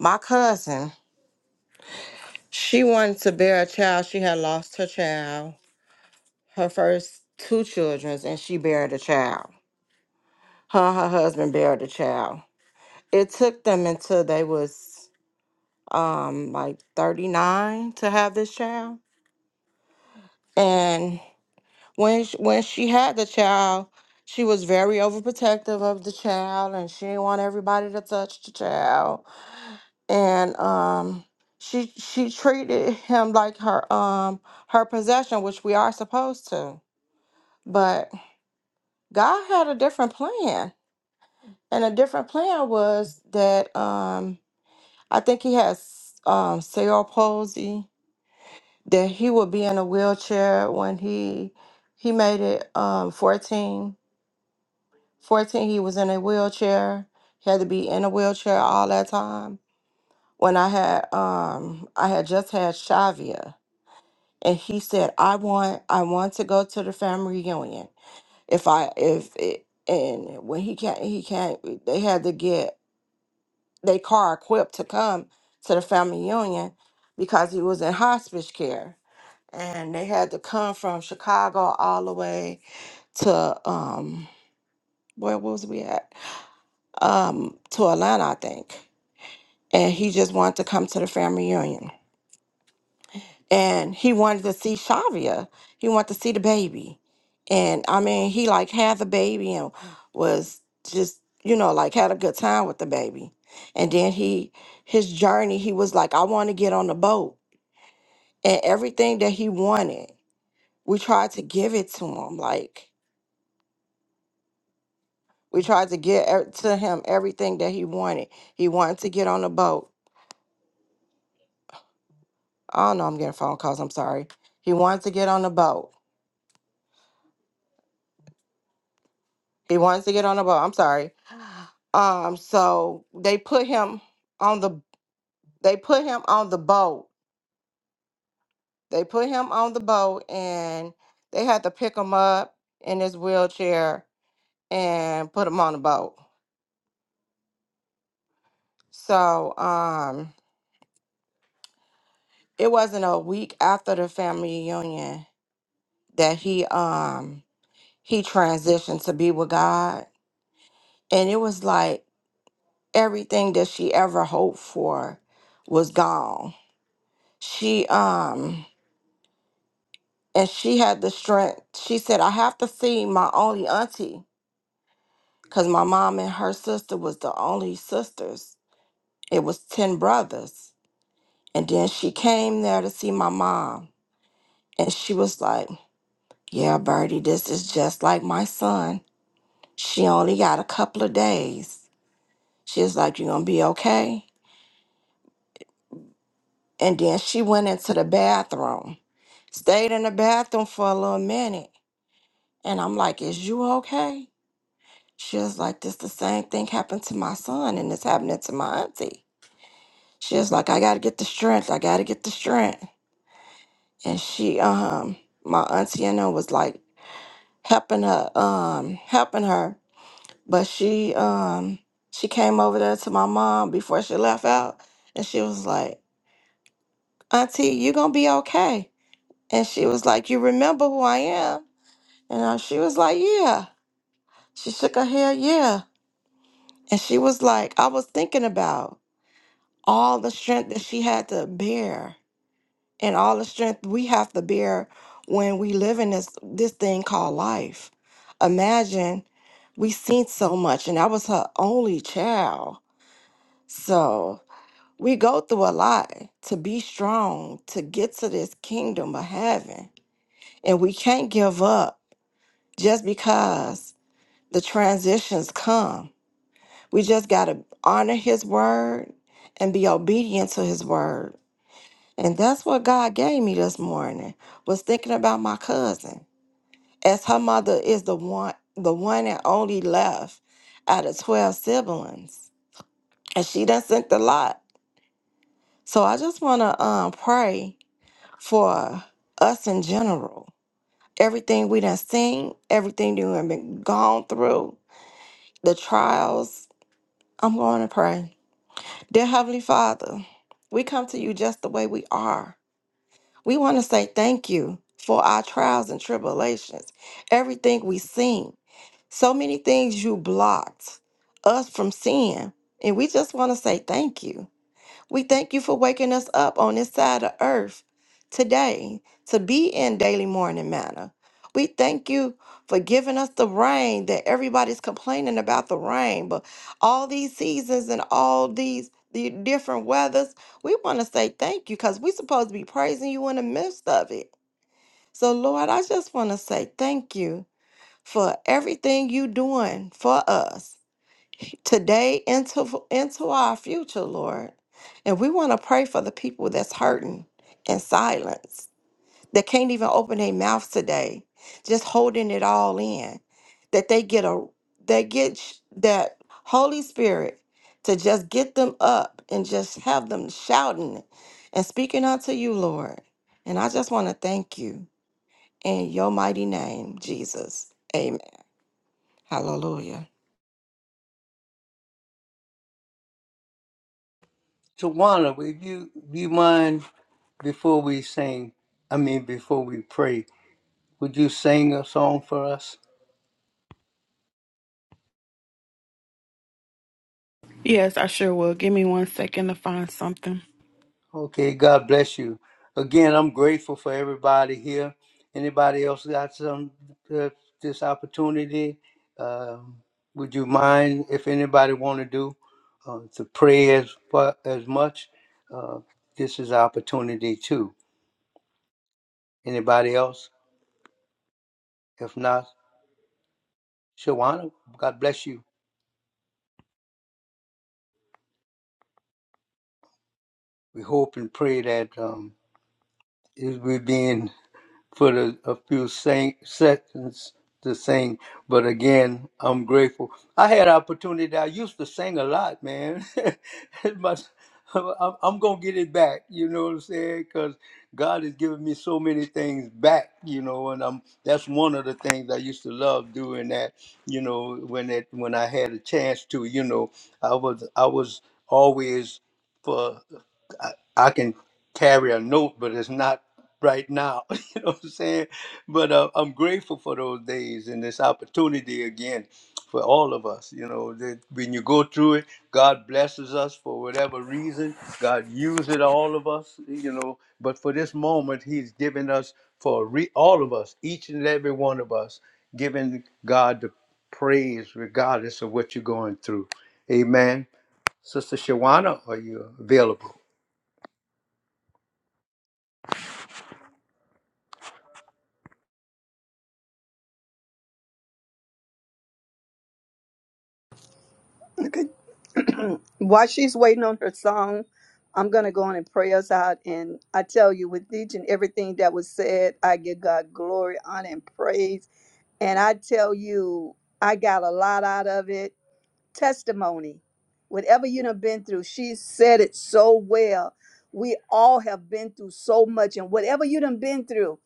my cousin. She wanted to bear a child. She had lost her child, her first two children, and she buried a child. Her and her husband buried a child. It took them until they was um like 39 to have this child and when she, when she had the child she was very overprotective of the child and she didn't want everybody to touch the child and um she she treated him like her um her possession which we are supposed to but God had a different plan and a different plan was that um I think he has um cerebral palsy that he would be in a wheelchair when he he made it um 14 14 he was in a wheelchair he had to be in a wheelchair all that time when i had um i had just had shavia and he said i want i want to go to the family reunion if i if it and when he can't he can't they had to get their car equipped to come to the family reunion because he was in hospice care and they had to come from Chicago all the way to um where was we at? Um to Atlanta, I think. And he just wanted to come to the family reunion. And he wanted to see Shavia. He wanted to see the baby. And I mean, he like had the baby and was just, you know, like had a good time with the baby. And then he his journey, he was like, I want to get on the boat. And everything that he wanted, we tried to give it to him. Like We tried to get e- to him everything that he wanted. He wanted to get on the boat. Oh no, I'm getting phone calls. I'm sorry. He wanted to get on the boat. He wanted to get on the boat. I'm sorry. Um, so they put him on the they put him on the boat. They put him on the boat and they had to pick him up in his wheelchair and put him on the boat. So um it wasn't a week after the family reunion that he um he transitioned to be with God. And it was like everything that she ever hoped for was gone. She um and she had the strength. She said, I have to see my only auntie. Cause my mom and her sister was the only sisters. It was ten brothers. And then she came there to see my mom. And she was like, Yeah, Birdie, this is just like my son. She only got a couple of days. She was like, You gonna be okay? And then she went into the bathroom, stayed in the bathroom for a little minute. And I'm like, Is you okay? She was like, This the same thing happened to my son, and it's happening to my auntie. She was like, I gotta get the strength. I gotta get the strength. And she, um, my auntie and her was like helping her, um, helping her. But she, um, she came over there to my mom before she left out, and she was like, Auntie, you gonna be okay. And she was like, You remember who I am? And uh, she was like, Yeah. She shook her head, Yeah. And she was like, I was thinking about all the strength that she had to bear and all the strength we have to bear when we live in this this thing called life. Imagine we seen so much and I was her only child. So we go through a lot to be strong, to get to this kingdom of heaven. And we can't give up just because the transitions come We just got to honor his word and be obedient to his word. And that's what God gave me this morning. Was thinking about my cousin. As her mother is the one the one and only left out of 12 siblings. And she done sent the lot. So I just want to um pray for us in general. Everything we done seen, everything that we've been gone through, the trials. I'm going to pray. Dear Heavenly Father, we come to you just the way we are. We want to say thank you for our trials and tribulations, everything we've seen, so many things you blocked us from seeing. And we just want to say thank you. We thank you for waking us up on this side of earth today to be in daily morning manner. We thank you for giving us the rain that everybody's complaining about the rain, but all these seasons and all these the different weathers, we want to say thank you because we're supposed to be praising you in the midst of it. So Lord, I just want to say thank you for everything you doing for us today into into our future, Lord. And we want to pray for the people that's hurting in silence, that can't even open their mouths today, just holding it all in. That they get a they get sh- that Holy Spirit to just get them up and just have them shouting and speaking unto you, Lord. And I just want to thank you in your mighty name, Jesus. Amen. Hallelujah.
Tawana, if you you mind before we sing, I mean before we pray, would you sing a song for us?
Yes, I sure will. Give me one second to find something.
Okay, God bless you. Again, I'm grateful for everybody here. Anybody else got some uh, this opportunity? Um would you mind if anybody want to do uh, to pray as fu- as much? Uh, this is opportunity too. Anybody else? If not, Shawana, God bless you. We hope and pray that um, it will be in for the, a few sing, seconds to sing. But again, I'm grateful. I had opportunity. I used to sing a lot, man. My, I'm, I'm gonna get it back. You know what I'm saying? Because God has given me so many things back. You know, and I'm that's one of the things I used to love doing. That you know, when it when I had a chance to, you know, I was I was always for. I, I can carry a note, but it's not right now. you know what I'm saying? But uh, I'm grateful for those days and this opportunity again for all of us. You know, that when you go through it, God blesses us for whatever reason. God uses all of us. You know, but for this moment, He's given us for re- all of us, each and every one of us, giving God the praise regardless of what you're going through. Amen. Sister Shawana, are you available?
Okay. While she's waiting on her song, I'm going to go on and pray us out. And I tell you, with each and everything that was said, I give God glory, honor, and praise. And I tell you, I got a lot out of it. testimony, whatever you done been through, she said it so well. We all have been through so much, and whatever you done been through,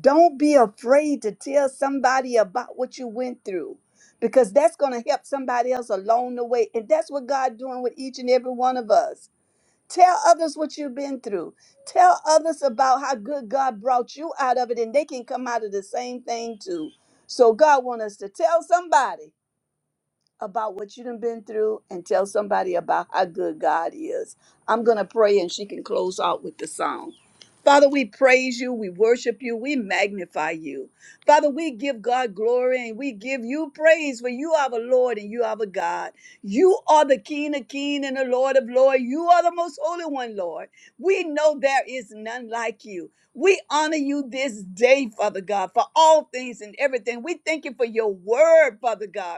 don't be afraid to tell somebody about what you went through, because that's gonna help somebody else along the way, and that's what God doing with each and every one of us. Tell others what you've been through. Tell others about how good God brought you out of it, and they can come out of the same thing too. So God want us to tell somebody about what you done been through and tell somebody about how good God is. I'm going to pray and she can close out with the song. Father, we praise you, we worship you, we magnify you. Father, we give God glory and we give you praise for you are the Lord and you are the God. You are the King of King and the Lord of Lord. You are the most holy one, Lord. We know there is none like you. We honor you this day, Father God, for all things and everything. We thank you for your word, Father God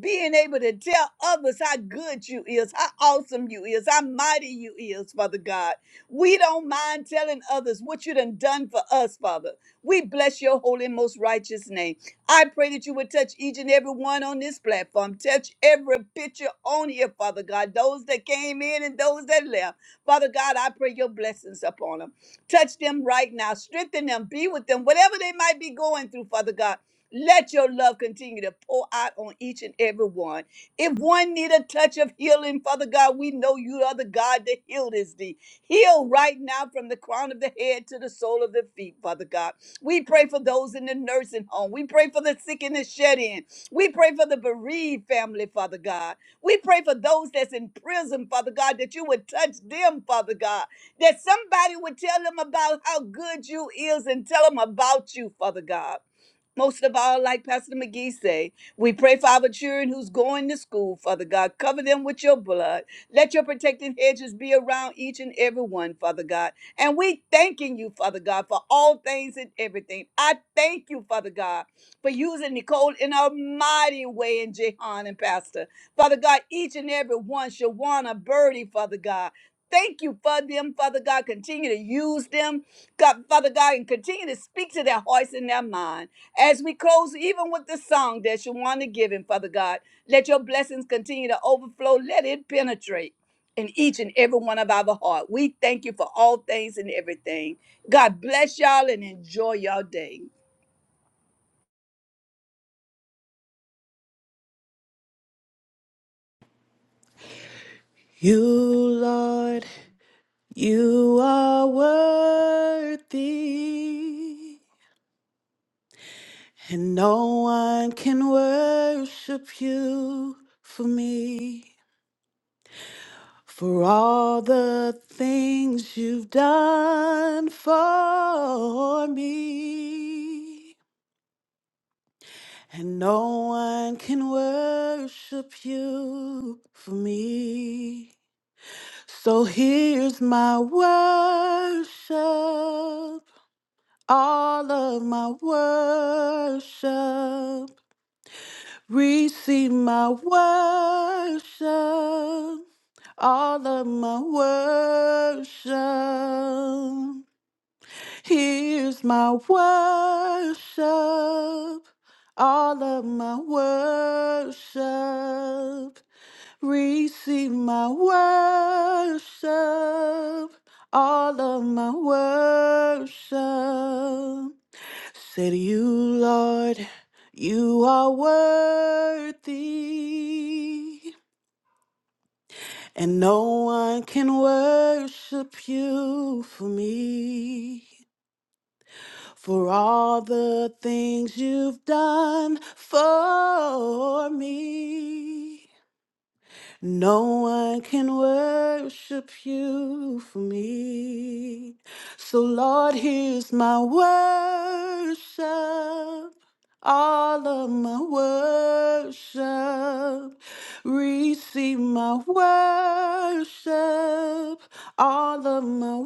being able to tell others how good you is, how awesome you is, how mighty you is, Father God. We don't mind telling others what you done done for us, Father. We bless your holy and most righteous name. I pray that you would touch each and every one on this platform. Touch every picture on here, Father God. Those that came in and those that left. Father God, I pray your blessings upon them. Touch them right now. Strengthen them. Be with them. Whatever they might be going through, Father God. Let your love continue to pour out on each and every one. If one need a touch of healing, Father God, we know you are the God that healed is thee. Heal right now from the crown of the head to the sole of the feet, Father God. We pray for those in the nursing home. We pray for the sick and the shed in. We pray for the bereaved family, Father God. We pray for those that's in prison, Father God, that you would touch them, Father God. That somebody would tell them about how good you is and tell them about you, Father God. Most of all, like Pastor McGee say, we pray for our children who's going to school, Father God. Cover them with your blood. Let your protective hedges be around each and every one, Father God. And we thanking you, Father God, for all things and everything. I thank you, Father God, for using Nicole in a mighty way in Jehan and Pastor. Father God, each and every one, Shawana, Birdie, Father God. Thank you for them, Father God. Continue to use them, God, Father God, and continue to speak to their hearts and their mind. As we close, even with the song that you want to give Him, Father God, let your blessings continue to overflow. Let it penetrate in each and every one of our heart. We thank you for all things and everything. God bless y'all and enjoy your day.
You, Lord, you are worthy, and no one can worship you for me. for all the things you've done for me. And no one can worship you for me. So here's my worship, all of my worship. Receive my worship, all of my worship. Here's my worship, all of my worship. Receive my worship, all of my worship. Said you, Lord, you are worthy, and no one can worship you for me. For all the things you've done for me. No one can worship you for me. So, Lord, here's my worship. All of my worship, receive my worship, all of my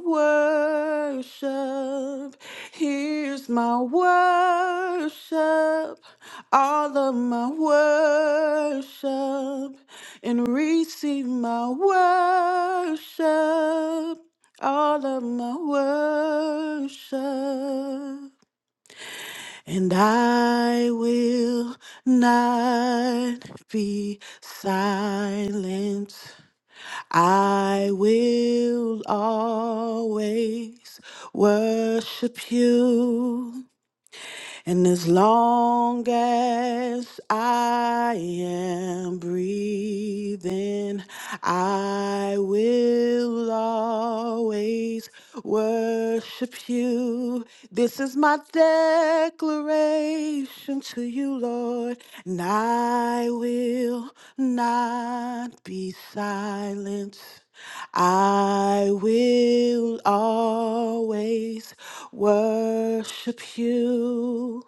worship. Here's my worship, all of my worship and receive my worship, all of my worship. And I will not be silent. I will always worship you. And as long as I am breathing, I will always worship you. This is my declaration to you, Lord, and I will not be silent. I will always worship you.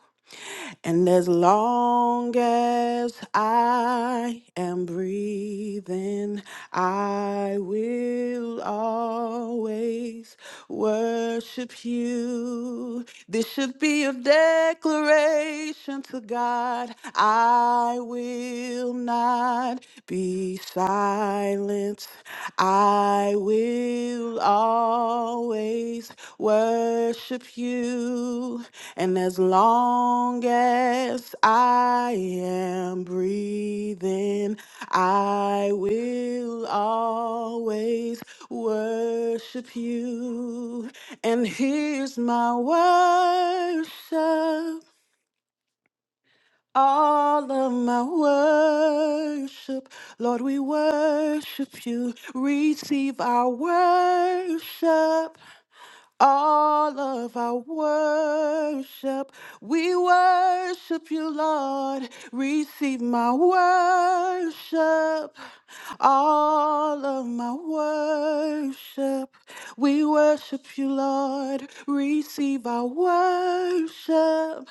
And as long as I am breathing, I will always worship you. This should be a declaration to God. I will not be silent silence, I will always worship you. And as long as I am breathing, I will always worship you. And here's my worship all of my worship. Lord, we worship you. Receive our worship. All of our worship. We worship you, Lord. Receive my worship. All of my worship, we worship you, Lord. Receive our worship.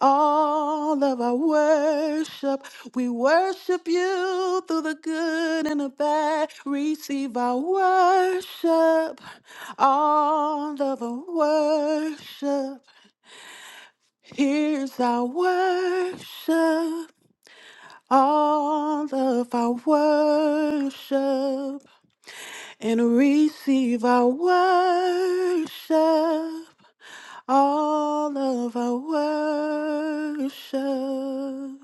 All of our worship, we worship you through the good and the bad. Receive our worship. All of our worship, here's our worship. All of our worship and receive our worship, all of our worship.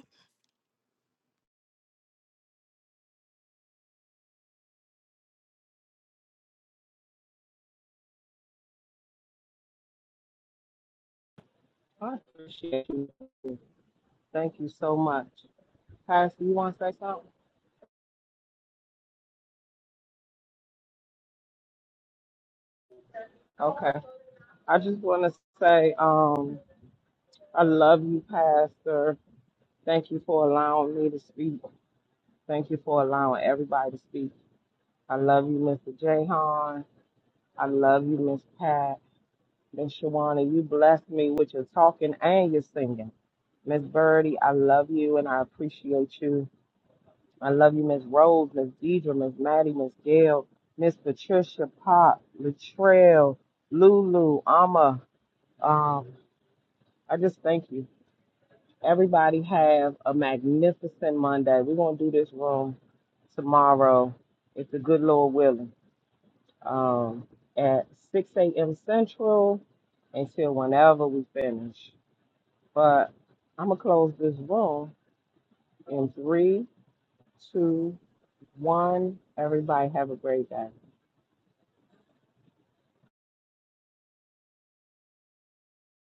I appreciate you. Thank you so much. Pastor, you want to say something? Okay. I just want to say, um, I love you, Pastor. Thank you for allowing me to speak. Thank you for allowing everybody to speak. I love you, Mr. Jahan. I love you, Miss Pat. Miss Shawana, you blessed me with your talking and your singing. Miss Birdie, I love you and I appreciate you. I love you, Miss Rose, Miss Deidre, Miss Maddie, Miss Gail, Miss Patricia, Pop, Latrell, Lulu, Amma. Um, I just thank you. Everybody have a magnificent Monday. We're gonna do this room tomorrow, if the good Lord willing, um, at 6 a.m. Central until whenever we finish. But I'm gonna close this room in three, two one. Everybody have a great day.